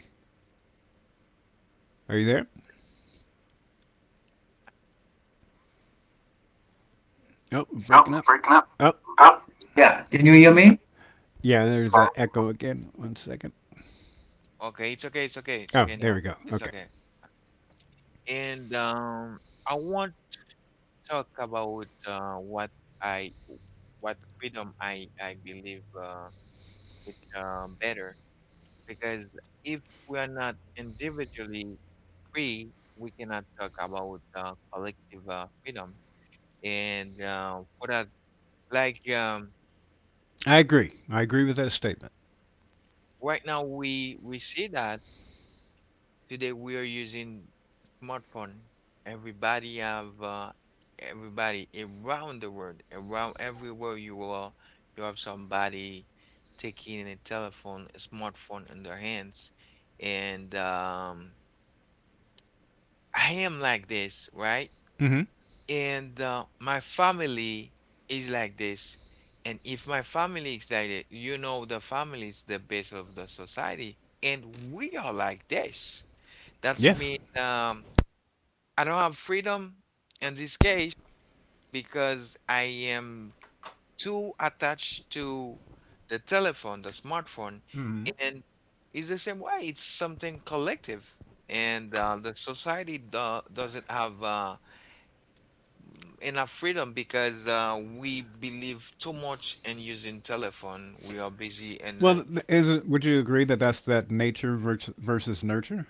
Speaker 2: Are you there? Oh,
Speaker 1: Oh,
Speaker 2: breaking up.
Speaker 1: breaking up.
Speaker 2: Oh,
Speaker 1: Oh. Yeah. Can you hear me?
Speaker 2: yeah, there's that echo again. One second.
Speaker 1: Okay, it's okay, it's okay, it's
Speaker 2: Oh,
Speaker 1: okay
Speaker 2: there we
Speaker 1: now.
Speaker 2: go.
Speaker 1: It's
Speaker 2: Okay.
Speaker 1: okay. And I want to talk about I what freedom I believe with better, because if we are not individually free, we cannot talk about collective freedom. And for that, like
Speaker 2: I agree. I agree with that statement.
Speaker 1: right now we see that. Today we are using smartphone. Everybody have uh, everybody around the world, around everywhere you are, you have somebody taking a telephone, a smartphone in their hands. And I am like this, right?
Speaker 2: Mm-hmm.
Speaker 1: And my family is like this. And if my family is like that, the family is the base of the society. And we are like this. That's
Speaker 2: Yes.
Speaker 1: mean I don't have freedom in this case because I am too attached to the telephone, the smartphone,
Speaker 2: Mm-hmm.
Speaker 1: and it's the same way. It's something collective, and the society do doesn't have enough freedom because we believe too much in using telephone. We are busy, and
Speaker 2: Well, is it, would you agree that that's that nature versus nurture?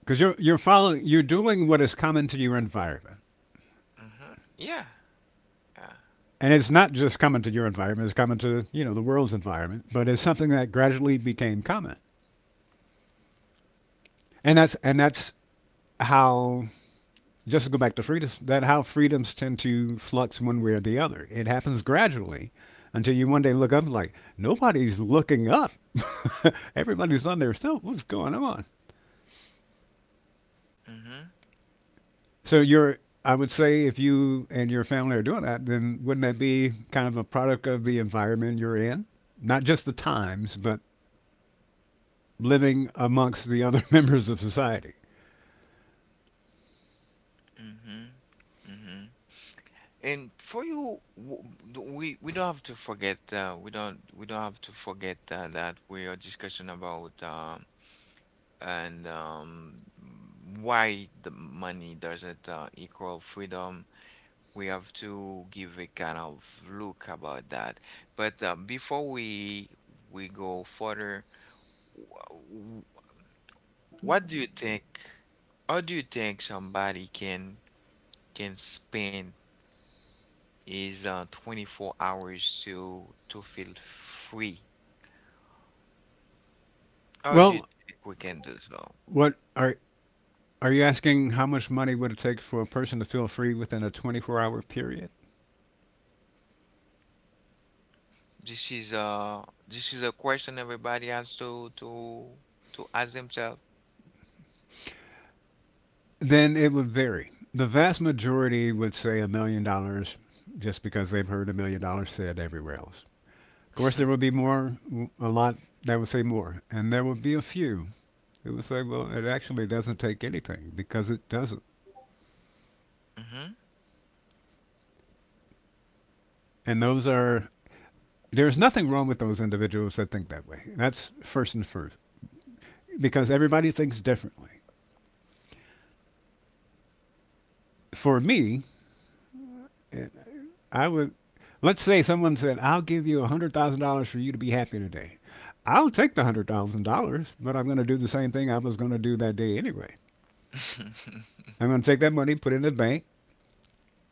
Speaker 2: Because you're following, you're doing what is common to your environment,
Speaker 1: mhm. Yeah, yeah,
Speaker 2: and it's not just common to your environment; it's common to, you know, the world's environment. But it's something that gradually became common, and that's how, just to go back to freedoms, that how freedoms tend to flux one way or the other. It happens gradually until you one day look up like nobody's looking up. Everybody's on their cell. What's going on?
Speaker 1: mm-hmm,
Speaker 2: So you're, I would say, if you and your family are doing that, then wouldn't that be kind of a product of the environment you're in? Not just the times, but living amongst the other members of society.
Speaker 1: mm-hmm, mm-hmm. And for you, we don't have to forget we don't have to forget that we are discussing about and why the money doesn't equal freedom. We have to give a kind of look about that. But before we go further, wh- wh- what do you think? How do you think somebody can spend? Is 24 hours to feel free. How do you
Speaker 2: Well,
Speaker 1: think we can do so?
Speaker 2: what are you asking how much money would it take for a person to feel free within a 24-hour period?
Speaker 1: This is a question everybody has to ask themselves.
Speaker 2: Then it would vary. The vast majority would say $1 million just because they've heard $1 million said everywhere else. Of course, there would be more, a lot that would say more, and there would be a few that would say, well, it actually doesn't take anything because it doesn't.
Speaker 1: Mhm.
Speaker 2: And those are, there's nothing wrong with those individuals that think that way. That's first and first because everybody thinks differently. For me, I would. Let's say someone said, "I'll give you $100,000 for you to be happy today." I'll take the $100,000, but I'm going to do the same thing I was going to do that day anyway. I'm going to take that money, put it in the bank,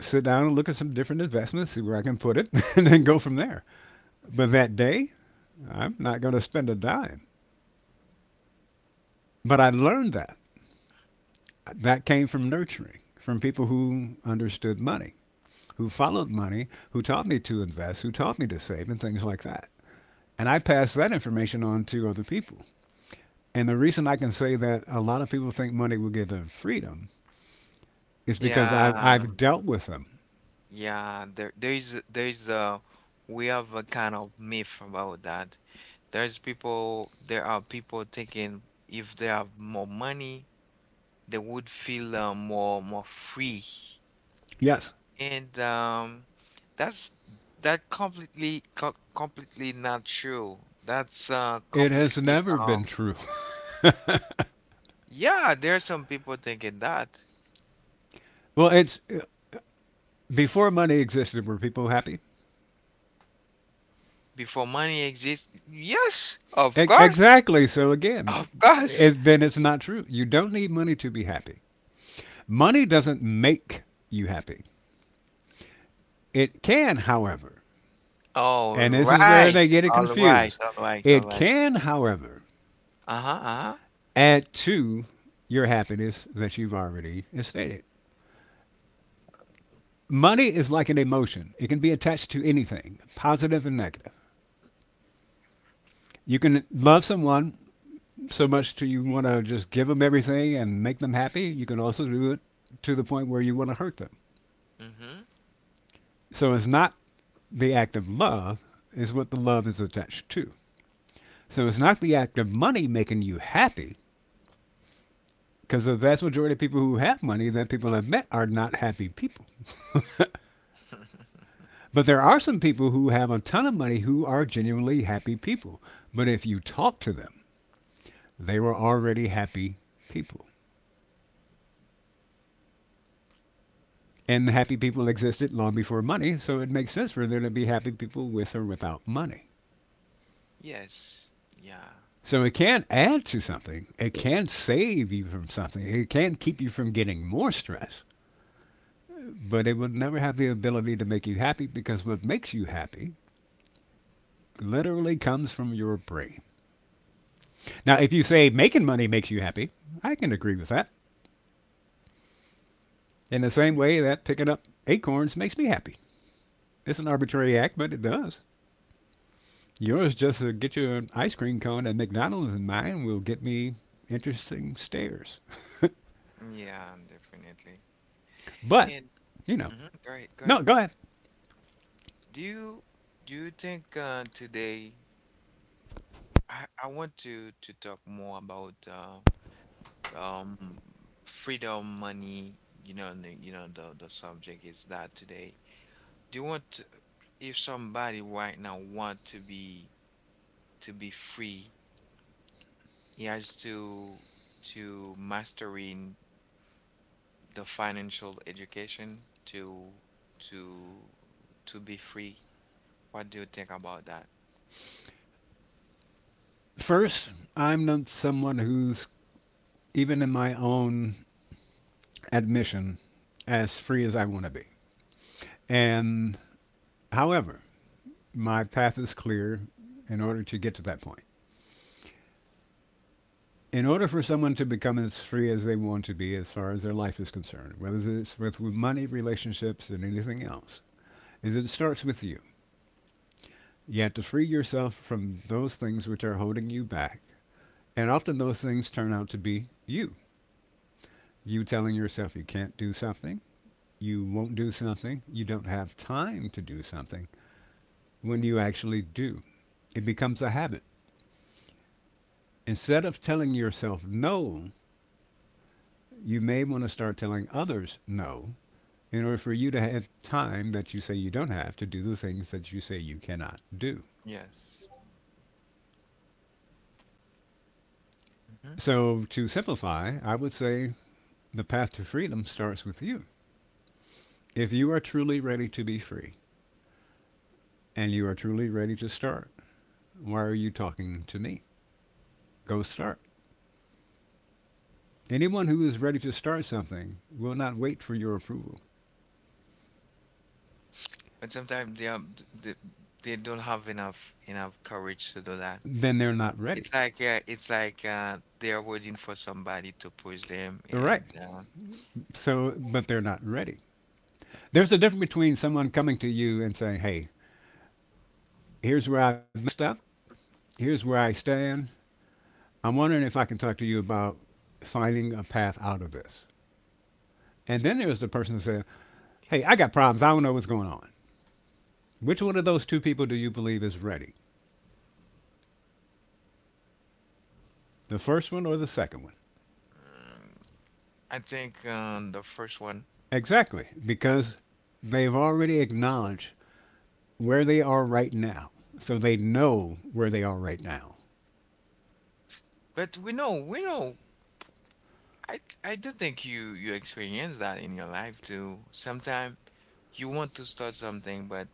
Speaker 2: sit down and look at some different investments, see where I can put it, and then go from there. But that day, I'm not going to spend a dime. But I learned that. That came from nurturing, from people who understood money, who followed money, who taught me to invest, who taught me to save, and things like that. And I passed that information on to other people. And the reason I can say that a lot of people think money will give them freedom is because I've,
Speaker 1: Yeah,
Speaker 2: I've dealt with them.
Speaker 1: yeah, there there is a we have a kind of myth about that. There are people thinking if they have more money, they would feel more free.
Speaker 2: Yes,
Speaker 1: And that's that completely co completely not true. That's
Speaker 2: it has
Speaker 1: completely
Speaker 2: never been true.
Speaker 1: Yeah, there are some people thinking that
Speaker 2: Well, it's before money existed, were people happy?
Speaker 1: before money exists. Yes, of course,
Speaker 2: Exactly. So again,
Speaker 1: of course.
Speaker 2: it, then it's not true. You don't need money to be happy. Money doesn't make you happy. It can, however,
Speaker 1: All
Speaker 2: and this is where
Speaker 1: right,
Speaker 2: they get it
Speaker 1: all right,
Speaker 2: confused.
Speaker 1: all right, all
Speaker 2: It
Speaker 1: right.
Speaker 2: can, however,
Speaker 1: Uh-huh, uh-huh.
Speaker 2: add to your happiness that you've already stated. Money is like an emotion. It can be attached to anything, positive and negative. You can love someone so much to you want to just give them everything and make them happy. You can also do it to the point where you want to hurt them.
Speaker 1: Mm-hmm.
Speaker 2: So it's not the act of love, is what the love is attached to. So it's not the act of money making you happy, because the vast majority of people who have money that people have met are not happy people. But there are some people who have a ton of money who are genuinely happy people. But if you talk to them, they were already happy people. And happy people existed long before money, so it makes sense for there to be happy people with or without money.
Speaker 1: Yes. Yeah.
Speaker 2: So it can add to something. It can save you from something. It can keep you from getting more stress, but it will never have the ability to make you happy because what makes you happy literally comes from your brain. Now, if you say making money makes you happy, I can agree with that. In the same way that picking up acorns makes me happy. It's an arbitrary act, but it does. Yours just get you an ice cream cone at McDonald's, and mine will get me interesting stares.
Speaker 1: Yeah, definitely.
Speaker 2: But,
Speaker 1: And
Speaker 2: you know,
Speaker 1: mhm, go ahead, go
Speaker 2: no,
Speaker 1: ahead.
Speaker 2: go ahead.
Speaker 1: Do you do you think today, I want to talk more about um freedom money. You know, the subject is that today. Do you want to, if somebody right now want to be free, he has to mastering the financial education to to be free. What do you think about that?
Speaker 2: First, I'm not someone who's, even in my own admission, as free as I want to be. And, however, my path is clear in order to get to that point. In order for someone to become as free as they want to be as far as their life is concerned, whether it's with money, relationships, and anything else, is it starts with you. You have to free yourself from those things which are holding you back. And often those things turn out to be you. You telling yourself you can't do something, you won't do something, you don't have time to do something when you actually do. It becomes a habit. Instead of telling yourself no, you may want to start telling others no in order for you to have time that you say you don't have to do the things that you say you cannot do.
Speaker 1: Yes. Hmm.
Speaker 2: So, to simplify, I would say the path to freedom starts with you. If you are truly ready to be free and you are truly ready to start, why are you talking to me? Go start. Anyone who is ready to start something will not wait for your approval.
Speaker 1: But sometimes they, they don't have enough courage to do that.
Speaker 2: Then they're not ready.
Speaker 1: It's like they are waiting for somebody to push them,
Speaker 2: All right.
Speaker 1: and
Speaker 2: So, but they're not ready. There's a difference between someone coming to you and saying, hey, here's where I messed up, here's where I stand. I'm wondering if I can talk to you about finding a path out of this. And then there's the person that says, hey, I got problems. I don't know what's going on. Which one of those two people do you believe is ready? The first one or the second one?
Speaker 1: mm, I think the first one.
Speaker 2: Exactly, because they've already acknowledged where they are right now. So they know where they are right now.
Speaker 1: But we know, we know. I do think you experience that in your life too. Sometimes you want to start something, but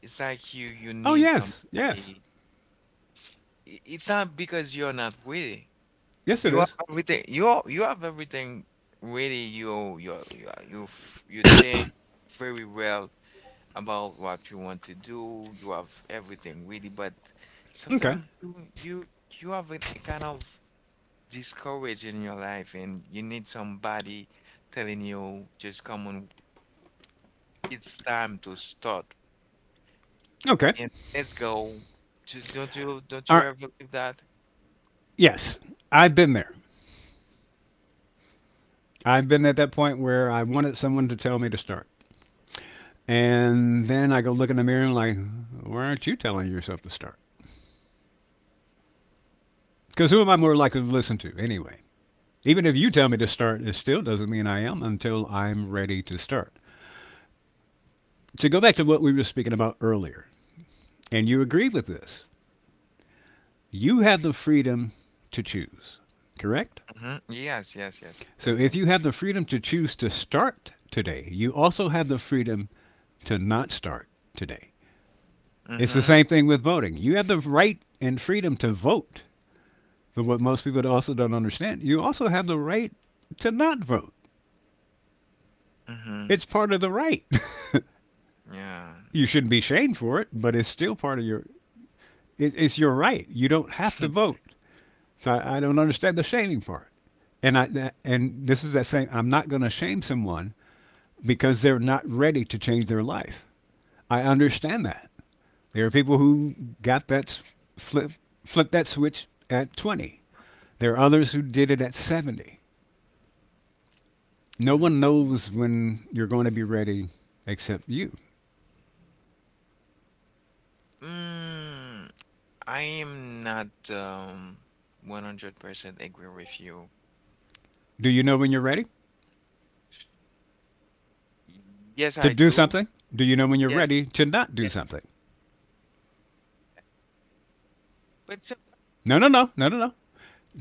Speaker 1: it's like you
Speaker 2: Oh,
Speaker 1: need
Speaker 2: yes, yes.
Speaker 1: somebody. It's not because you're not with it.
Speaker 2: Yes, it
Speaker 1: You have
Speaker 2: is.
Speaker 1: everything. You have everything really. You think very well about what you want to do. You have everything really, but
Speaker 2: Okay,
Speaker 1: sometimes you have a kind of discourage in your life, and you need somebody telling you, "Just come on, it's time to start
Speaker 2: okay.
Speaker 1: and let's go." Just, don't you don't
Speaker 2: All
Speaker 1: you
Speaker 2: right,
Speaker 1: ever do that?
Speaker 2: yes, I've been there. I've been at that point where I wanted someone to tell me to start. And then I go look in the mirror and I'm like, why aren't you telling yourself to start? Because who am I more likely to listen to anyway? Even if you tell me to start, it still doesn't mean I am until I'm ready to start. To go back to what we were speaking about earlier, and you agree with this, you have the freedom to choose, correct?
Speaker 1: Hmm. Yes, yes, yes,
Speaker 2: So if
Speaker 1: definitely.
Speaker 2: you have the freedom to choose to start today, you also have the freedom to not start today. It's the
Speaker 1: Mm-hmm.
Speaker 2: same thing with voting. You have the right and freedom to vote. But what most people also don't understand, you also have the right to not vote.
Speaker 1: Mm-hmm.
Speaker 2: It's part of the right.
Speaker 1: Yeah.
Speaker 2: You shouldn't be shamed for it, but it's still part of your. It's your right. You don't have to vote. So I don't understand the shaming part. And I and this is that saying I'm not going to shame someone because they're not ready to change their life. I understand that. There are people who got that flip flip that switch at 20. There are others who did it at 70. No
Speaker 1: Mm,
Speaker 2: one
Speaker 1: mm.
Speaker 2: knows when you're going to be ready except you.
Speaker 1: Mm, I am not 100% agree with you.
Speaker 2: Do you know when you're ready
Speaker 1: Yes,
Speaker 2: to
Speaker 1: I
Speaker 2: do
Speaker 1: do.
Speaker 2: something? Do you know when you're
Speaker 1: Yes,
Speaker 2: ready to not do
Speaker 1: yes.
Speaker 2: something?
Speaker 1: But
Speaker 2: No, no, no, no, no, no.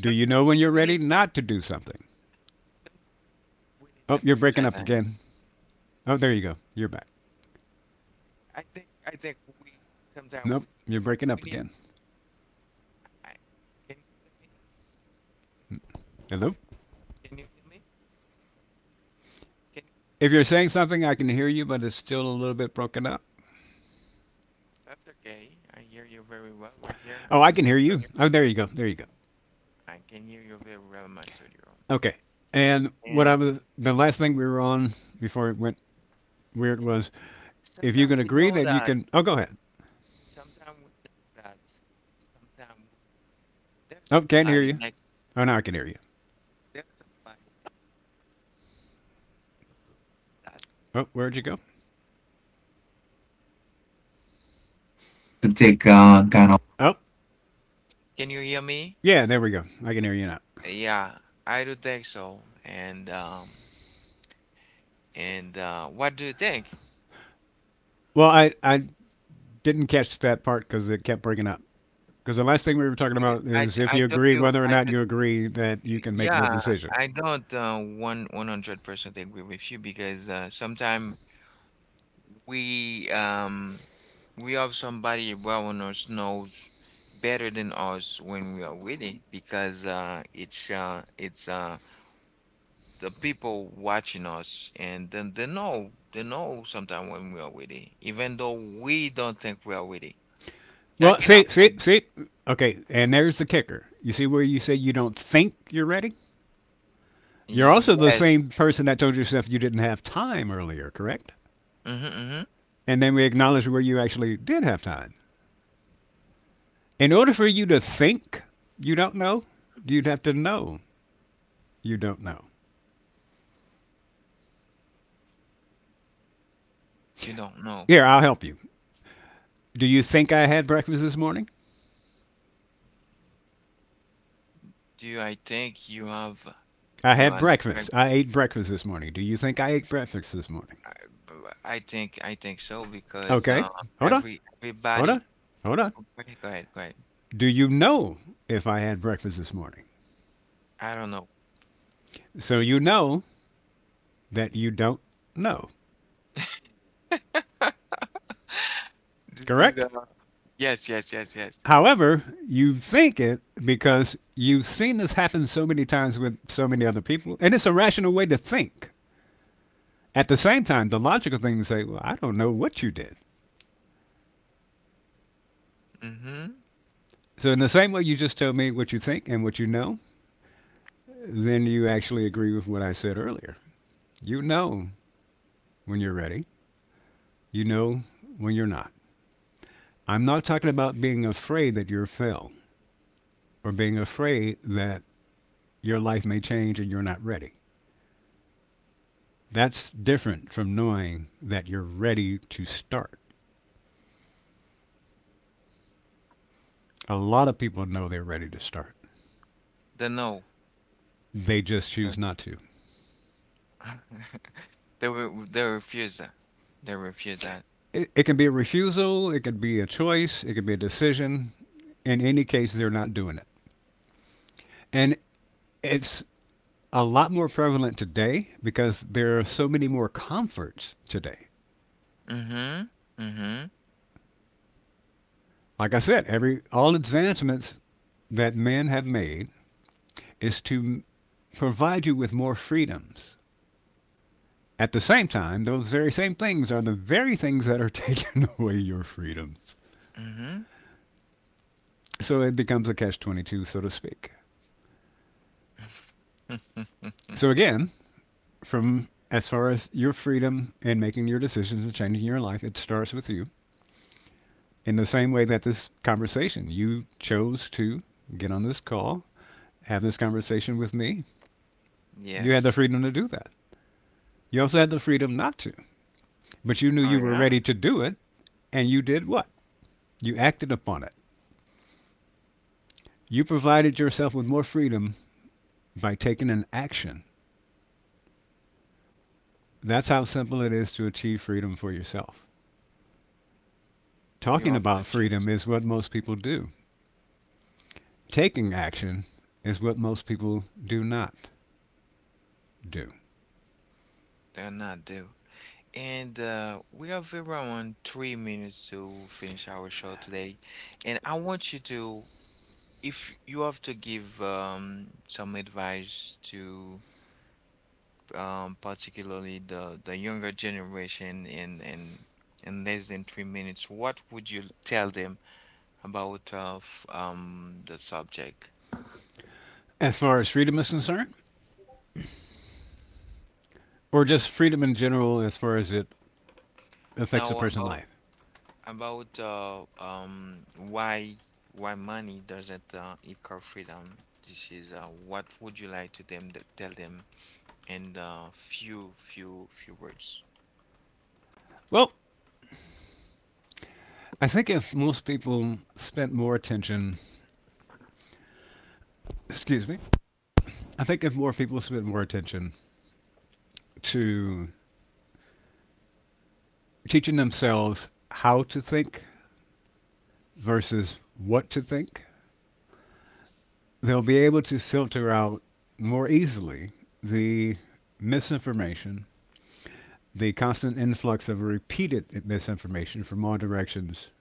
Speaker 2: Do you know when you're
Speaker 1: we
Speaker 2: ready
Speaker 1: need,
Speaker 2: not to do something?
Speaker 1: sometimes we need
Speaker 2: Oh,
Speaker 1: the
Speaker 2: you're
Speaker 1: push.
Speaker 2: breaking up again. Oh, there you go. You're back.
Speaker 1: I think we, sometimes
Speaker 2: Nope,
Speaker 1: we
Speaker 2: you're breaking
Speaker 1: we
Speaker 2: up
Speaker 1: need.
Speaker 2: again.
Speaker 1: I, can you hear me?
Speaker 2: Hello?
Speaker 1: Can you hear me? Can you?
Speaker 2: If you're saying something, I can hear you, but it's still a little bit broken up.
Speaker 1: That's okay. I hear you very well right here
Speaker 2: Oh, I
Speaker 1: in
Speaker 2: can
Speaker 1: my
Speaker 2: hear you.
Speaker 1: studio.
Speaker 2: Oh, there you go. There you go.
Speaker 1: I can hear you very well in my studio.
Speaker 2: Okay. And what I
Speaker 1: And
Speaker 2: was, the last thing we were on before it went weird
Speaker 1: and
Speaker 2: was if you
Speaker 1: sometimes
Speaker 2: can
Speaker 1: we
Speaker 2: agree
Speaker 1: know
Speaker 2: that you
Speaker 1: that.
Speaker 2: can. Oh, go ahead.
Speaker 1: Sometimes we know that. Sometimes we there's
Speaker 2: Oh, can't hear
Speaker 1: somebody
Speaker 2: you.
Speaker 1: next.
Speaker 2: Oh, now I can hear you.
Speaker 1: There's somebody like that.
Speaker 2: Oh, where'd you go?
Speaker 1: To take kind of.
Speaker 2: Oh,
Speaker 1: Can you hear me?
Speaker 2: yeah, there we go. I can hear you now.
Speaker 1: Yeah, I do think so. And what do you think?
Speaker 2: Well, I didn't catch that part because it kept breaking up. Because the last thing we were talking about
Speaker 1: I
Speaker 2: is if
Speaker 1: I
Speaker 2: you
Speaker 1: told
Speaker 2: agree,
Speaker 1: you
Speaker 2: whether or not you agree that you can make
Speaker 1: yeah,
Speaker 2: that decision.
Speaker 1: I don't one one hundred percent agree with you because sometimes we um we have somebody well us knows better than us when we are with it because it's the people watching us, and then they know sometimes when we are with it, even though we don't think we are with it. That
Speaker 2: Well,
Speaker 1: can
Speaker 2: see, see,
Speaker 1: happen.
Speaker 2: see. Okay, and there's the kicker. You see where you say you don't think you're ready? You're also the
Speaker 1: Yes.
Speaker 2: same person that told yourself you didn't have time earlier, correct?
Speaker 1: Mm-hmm, mm-hmm.
Speaker 2: And then we acknowledge where you actually did have time. In order for you to think you don't know, you'd have to know you don't know.
Speaker 1: You don't know.
Speaker 2: Here, I'll help you. Do you think I had breakfast this morning?
Speaker 1: Do you I think you have.
Speaker 2: I
Speaker 1: You
Speaker 2: had
Speaker 1: are. I
Speaker 2: breakfast. I ate breakfast this morning. Do you think I ate breakfast this morning?
Speaker 1: I think so because
Speaker 2: Okay, hold on, hold
Speaker 1: everybody.
Speaker 2: on, hold on.
Speaker 1: Oh, go ahead, go ahead, go ahead.
Speaker 2: Do you know if I had breakfast this morning?
Speaker 1: I don't know.
Speaker 2: So you know that you don't know,
Speaker 1: This is the...
Speaker 2: correct?
Speaker 1: Yes, yes, yes, yes.
Speaker 2: However, you think it because you've seen this happen so many times with so many other people, and it's a rational way to think. At the same time, the logical thing is to say, well, I don't know what you did.
Speaker 1: Mm-hmm.
Speaker 2: So, in the same way you just tell me what you think and what you know, then you actually agree with what I said earlier. You know when you're ready, you know when you're not. I'm not talking about being afraid that you're failed or being afraid that your life may change and you're not ready. That's different from knowing that you're ready to start. A lot of people know they're ready to start,
Speaker 1: The no.
Speaker 2: they just
Speaker 1: The-
Speaker 2: choose not to.
Speaker 1: They were they refuse that. They refuse that.
Speaker 2: It can be a refusal, it could be a choice, it could be a decision. In any case, they're not doing it. And it's a lot more prevalent today because there are so many more comforts today.
Speaker 1: Mm-hmm. Mm-hmm.
Speaker 2: Like I said, every all advancements that men have made is to provide you with more freedoms. At the same time, those very same things are the very things that are taking away your freedom.
Speaker 1: Mm-hmm.
Speaker 2: So it becomes a catch 22, so to speak. So again, from as far as your freedom and making your decisions and changing your life, it starts with you. In the same way that this conversation, you chose to get on this call, have this conversation with me. You had
Speaker 1: Yes.
Speaker 2: the freedom to do that. You also had the freedom not to, but you knew
Speaker 1: Oh
Speaker 2: you were
Speaker 1: yeah?
Speaker 2: ready to do it, and you did what? You acted upon it. You provided yourself with more freedom by taking an action. That's how simple it is to achieve freedom for yourself.
Speaker 1: You
Speaker 2: Talking
Speaker 1: have to
Speaker 2: about
Speaker 1: choose.
Speaker 2: freedom is what most people do. Taking action is what most people do not do.
Speaker 1: They're not due. And we have around 3 minutes to finish our show today. And I want you to, if you have to give some advice to particularly the younger generation in less than 3 minutes, what would you tell them about the subject?
Speaker 2: As far as freedom is concerned, or just freedom in general as far as it affects a
Speaker 1: Now
Speaker 2: person's
Speaker 1: about
Speaker 2: life.
Speaker 1: why money doesn't equal freedom. This is what would you like to them to tell them in few words.
Speaker 2: Well, I think if most people spent more attention— excuse me, I think if more people spent more attention to teaching themselves how to think versus what to think, they'll be able to filter out more easily the misinformation, the constant influx of repeated misinformation from all directions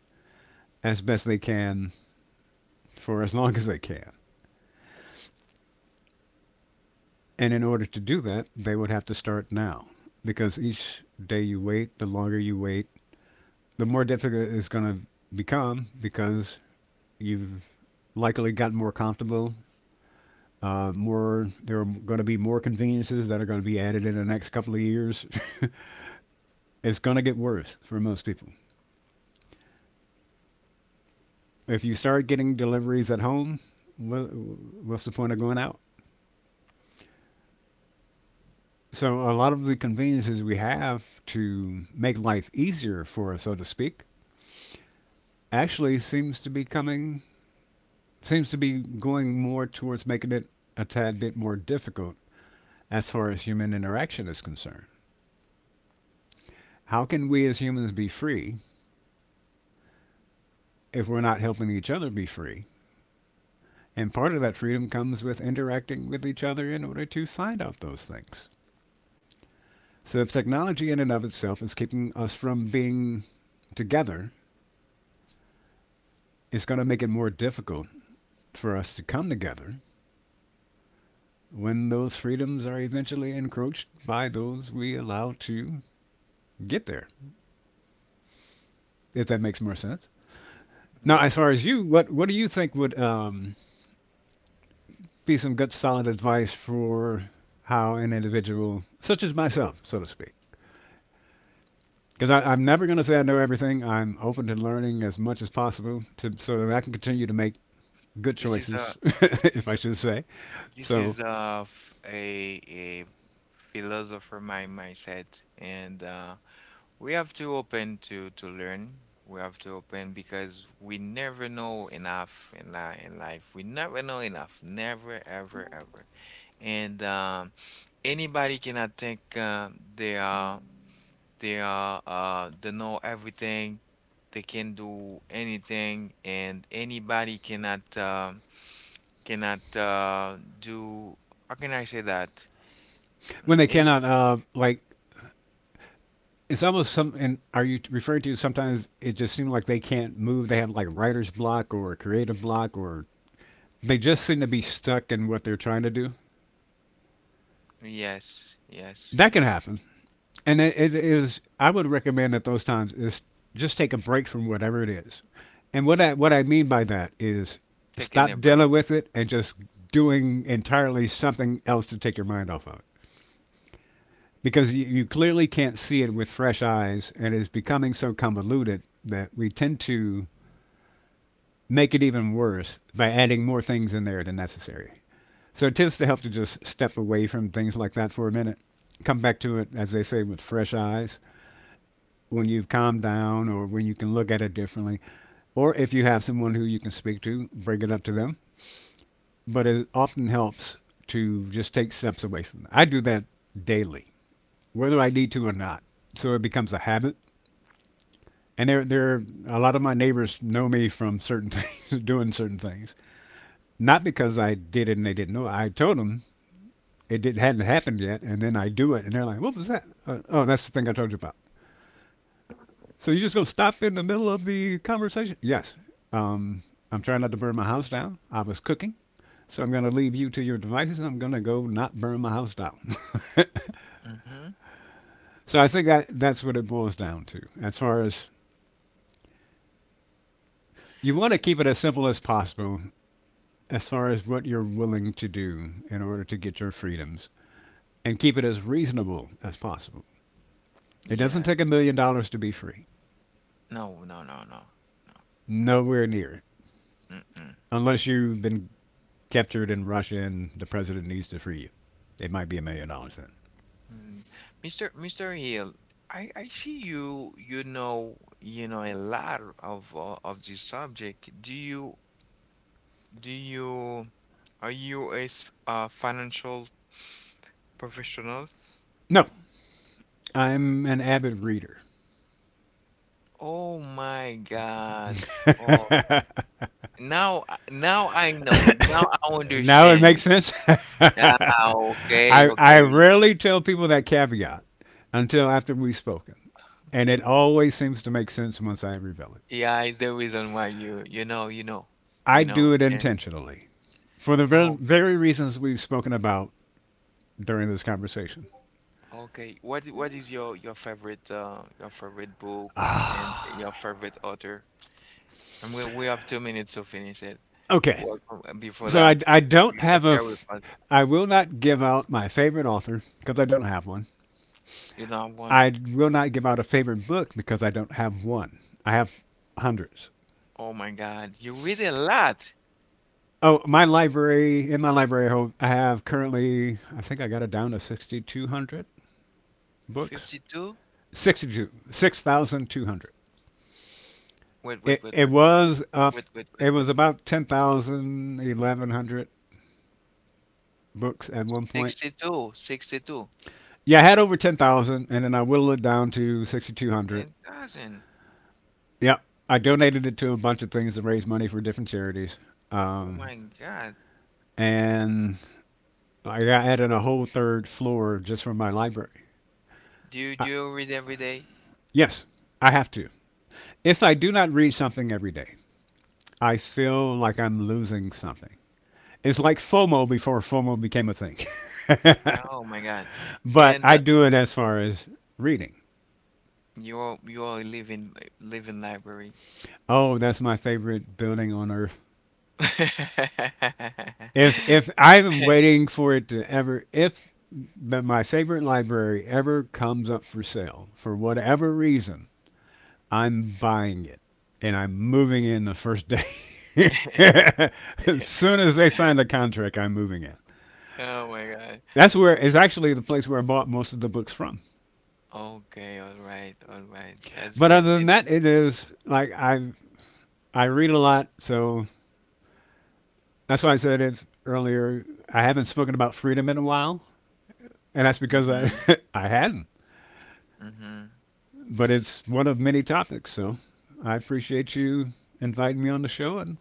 Speaker 2: as best they can for as long as they can. And in order to do that, they would have to start now, because each day you wait, the longer you wait, the more difficult it's going to become, because you've likely gotten more comfortable. More There are going to be more conveniences that are going to be added in the next couple of years. It's going to get worse for most people. If you start getting deliveries at home, what's the point of going out? So a lot of the conveniences we have to make life easier for us, so to speak, actually seems to be coming, seems to be going more towards making it a tad bit more difficult as far as human interaction is concerned. How can we as humans be free if we're not helping each other be free? And part of that freedom comes with interacting with each other in order to find out those things. So if technology in and of itself is keeping us from being together, it's going to make it more difficult for us to come together when those freedoms are eventually encroached by those we allow to get there. If that makes more sense. Now,
Speaker 1: Yeah,
Speaker 2: as far as you, what do you think would be some good solid advice for how an individual, such as myself, so to speak? Because I'm never going to say I know everything. I'm open to learning as much as possible, to so that I can continue to make good
Speaker 1: this is
Speaker 2: choices,
Speaker 1: a this
Speaker 2: if I
Speaker 1: is
Speaker 2: should say.
Speaker 1: this
Speaker 2: So
Speaker 1: is a philosopher mindset, and we have to open to learn. We have to open because we never know enough in life. We never know enough, never ever ever, and anybody cannot think they are they know everything. They can do anything, and anybody cannot. Cannot do, how can I say that?
Speaker 2: when they
Speaker 1: Mm, any-
Speaker 2: cannot, like, it's almost some. And are you referring to sometimes it just seems like they can't move? They have like writer's block or creative block, or they just seem to be stuck in what they're trying to do.
Speaker 1: yes, yes,
Speaker 2: That can
Speaker 1: yes.
Speaker 2: happen, and it is. I would recommend at those times is just take a break from whatever it is. And what I mean by that is stop
Speaker 1: Taking a
Speaker 2: dealing
Speaker 1: break.
Speaker 2: with it and just doing entirely something else to take your mind off of it, because you clearly can't see it with fresh eyes, and it's becoming so convoluted that we tend to make it even worse by adding more things in there than necessary. So it tends to help to just step away from things like that for a minute, come back to it, as they say, with fresh eyes when you've calmed down or when you can look at it differently. Or if you have someone who you can speak to, bring it up to them. But it often helps to just take steps away from it. I do that daily, whether I need to or not. So it becomes a habit. And a lot of my neighbors know me from certain things, doing certain things. Not because I did it and they didn't know. I told them it did, hadn't happened yet, and then I do it, and they're like, "What was that?" Oh, that's the thing I told you about. So you just gonna stop in the middle of the conversation? Yes. Um, I'm trying not to burn my house down. I was cooking, so I'm gonna leave you to your devices. And I'm gonna go not burn my house down.
Speaker 1: Mm-hmm.
Speaker 2: So I think that that's what it boils down to, as far as you want to keep it as simple as possible, as far as what you're willing to do in order to get your freedoms, and keep it as reasonable as possible. It doesn't take a
Speaker 1: Yes.
Speaker 2: million dollars to be free.
Speaker 1: No, no, no, no, no.
Speaker 2: Nowhere near.
Speaker 1: Mm-mm.
Speaker 2: Unless you've been captured in Russia and the president needs to free you. It might be $1,000,000 then.
Speaker 1: Mm. Mr. Hill, I see you know a lot of this subject. Do you Are you a financial professional?
Speaker 2: No, I'm an avid reader.
Speaker 1: Oh my God. Now I know. Now I
Speaker 2: Now it
Speaker 1: understand
Speaker 2: makes
Speaker 1: you.
Speaker 2: sense.
Speaker 1: Ah, okay,
Speaker 2: I
Speaker 1: okay.
Speaker 2: rarely tell people that caveat until after we've spoken, and it always seems to make sense once I reveal it.
Speaker 1: Yeah, it's the reason why, you know, you know,
Speaker 2: I
Speaker 1: you
Speaker 2: do
Speaker 1: know.
Speaker 2: it
Speaker 1: And
Speaker 2: intentionally, for the
Speaker 1: oh,
Speaker 2: very reasons we've spoken about during this conversation.
Speaker 1: okay. What is your favorite book and your favorite author? And we have 2 minutes to finish it.
Speaker 2: Okay,
Speaker 1: Well, before
Speaker 2: so I,
Speaker 1: that,
Speaker 2: I don't
Speaker 1: you can
Speaker 2: have a.
Speaker 1: share with
Speaker 2: F-
Speaker 1: us.
Speaker 2: I will not give out my favorite author because I don't have one.
Speaker 1: You know one.
Speaker 2: I will not give out a favorite book because I don't have one. I have hundreds.
Speaker 1: Oh my God, you read a lot.
Speaker 2: Oh, my library— in my library, I have currently— I think I got it down to 6,200 books.
Speaker 1: 52?
Speaker 2: 62. 6,200.
Speaker 1: Wait, wait,
Speaker 2: it,
Speaker 1: wait,
Speaker 2: it
Speaker 1: wait, wait.
Speaker 2: was up—
Speaker 1: Wait, wait,
Speaker 2: it
Speaker 1: wait,
Speaker 2: was
Speaker 1: wait, wait.
Speaker 2: about 11,100 books at one point.
Speaker 1: 62, 62.
Speaker 2: Yeah, I had over 10,000, and then I whittled it down to 6,200.
Speaker 1: It doesn't.
Speaker 2: Yep, I donated it to a bunch of things to raise money for different charities.
Speaker 1: Oh
Speaker 2: Um,
Speaker 1: my God.
Speaker 2: and I got added a whole third floor just for my library.
Speaker 1: Do you do
Speaker 2: I—
Speaker 1: you read every day?
Speaker 2: yes, I have to. If I do not read something every day, I feel like I'm losing something. It's like FOMO before FOMO became a thing.
Speaker 1: Oh my God.
Speaker 2: But
Speaker 1: And
Speaker 2: I do it as far as reading.
Speaker 1: you are living library.
Speaker 2: Oh, that's my favorite building on earth. If I am waiting for it to ever if but my favorite library ever comes up for sale for whatever reason, I'm buying it and I'm moving in the first day. As soon as they sign the contract, I'm moving in.
Speaker 1: Oh my God.
Speaker 2: That's where is actually the place where I bought most of the books from.
Speaker 1: Okay, all right, all right. That's
Speaker 2: But
Speaker 1: great.
Speaker 2: other than
Speaker 1: And
Speaker 2: that, it is like I read a lot, so that's why I said it earlier. I haven't spoken about freedom in a while, and that's because I
Speaker 1: mm-hmm,
Speaker 2: I hadn't.
Speaker 1: mm-hmm.
Speaker 2: But it's one of many topics. So I appreciate you inviting me on the show and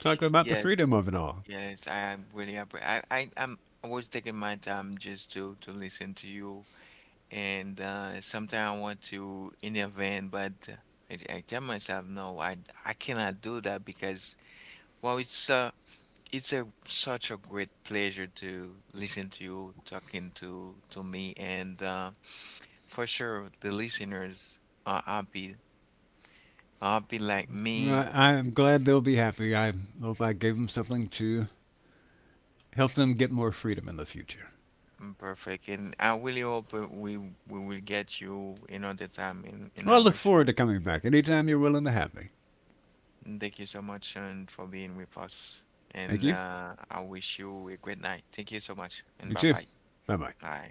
Speaker 2: talking about the
Speaker 1: Yes,
Speaker 2: freedom of it all.
Speaker 1: yes. I am really appre I I was taking my time just to listen to you, and sometimes I want to intervene, but I tell myself, no, I cannot do that because, well, it's a such a great pleasure to listen to you talking to me, and for sure the listeners are happy, are happy like me.
Speaker 2: Well, I am glad they'll be happy. I hope I gave them something to help them get more freedom in the future.
Speaker 1: Perfect, and I really hope we will get you another time in
Speaker 2: Well, I
Speaker 1: our
Speaker 2: look
Speaker 1: show.
Speaker 2: forward to coming back anytime you're willing to have me.
Speaker 1: Thank you so much, Sean, for being with us.
Speaker 2: Thank
Speaker 1: And
Speaker 2: you.
Speaker 1: I wish you a great night. Thank you so much, and
Speaker 2: You
Speaker 1: bye
Speaker 2: too.
Speaker 1: bye.
Speaker 2: Bye bye.
Speaker 1: Bye.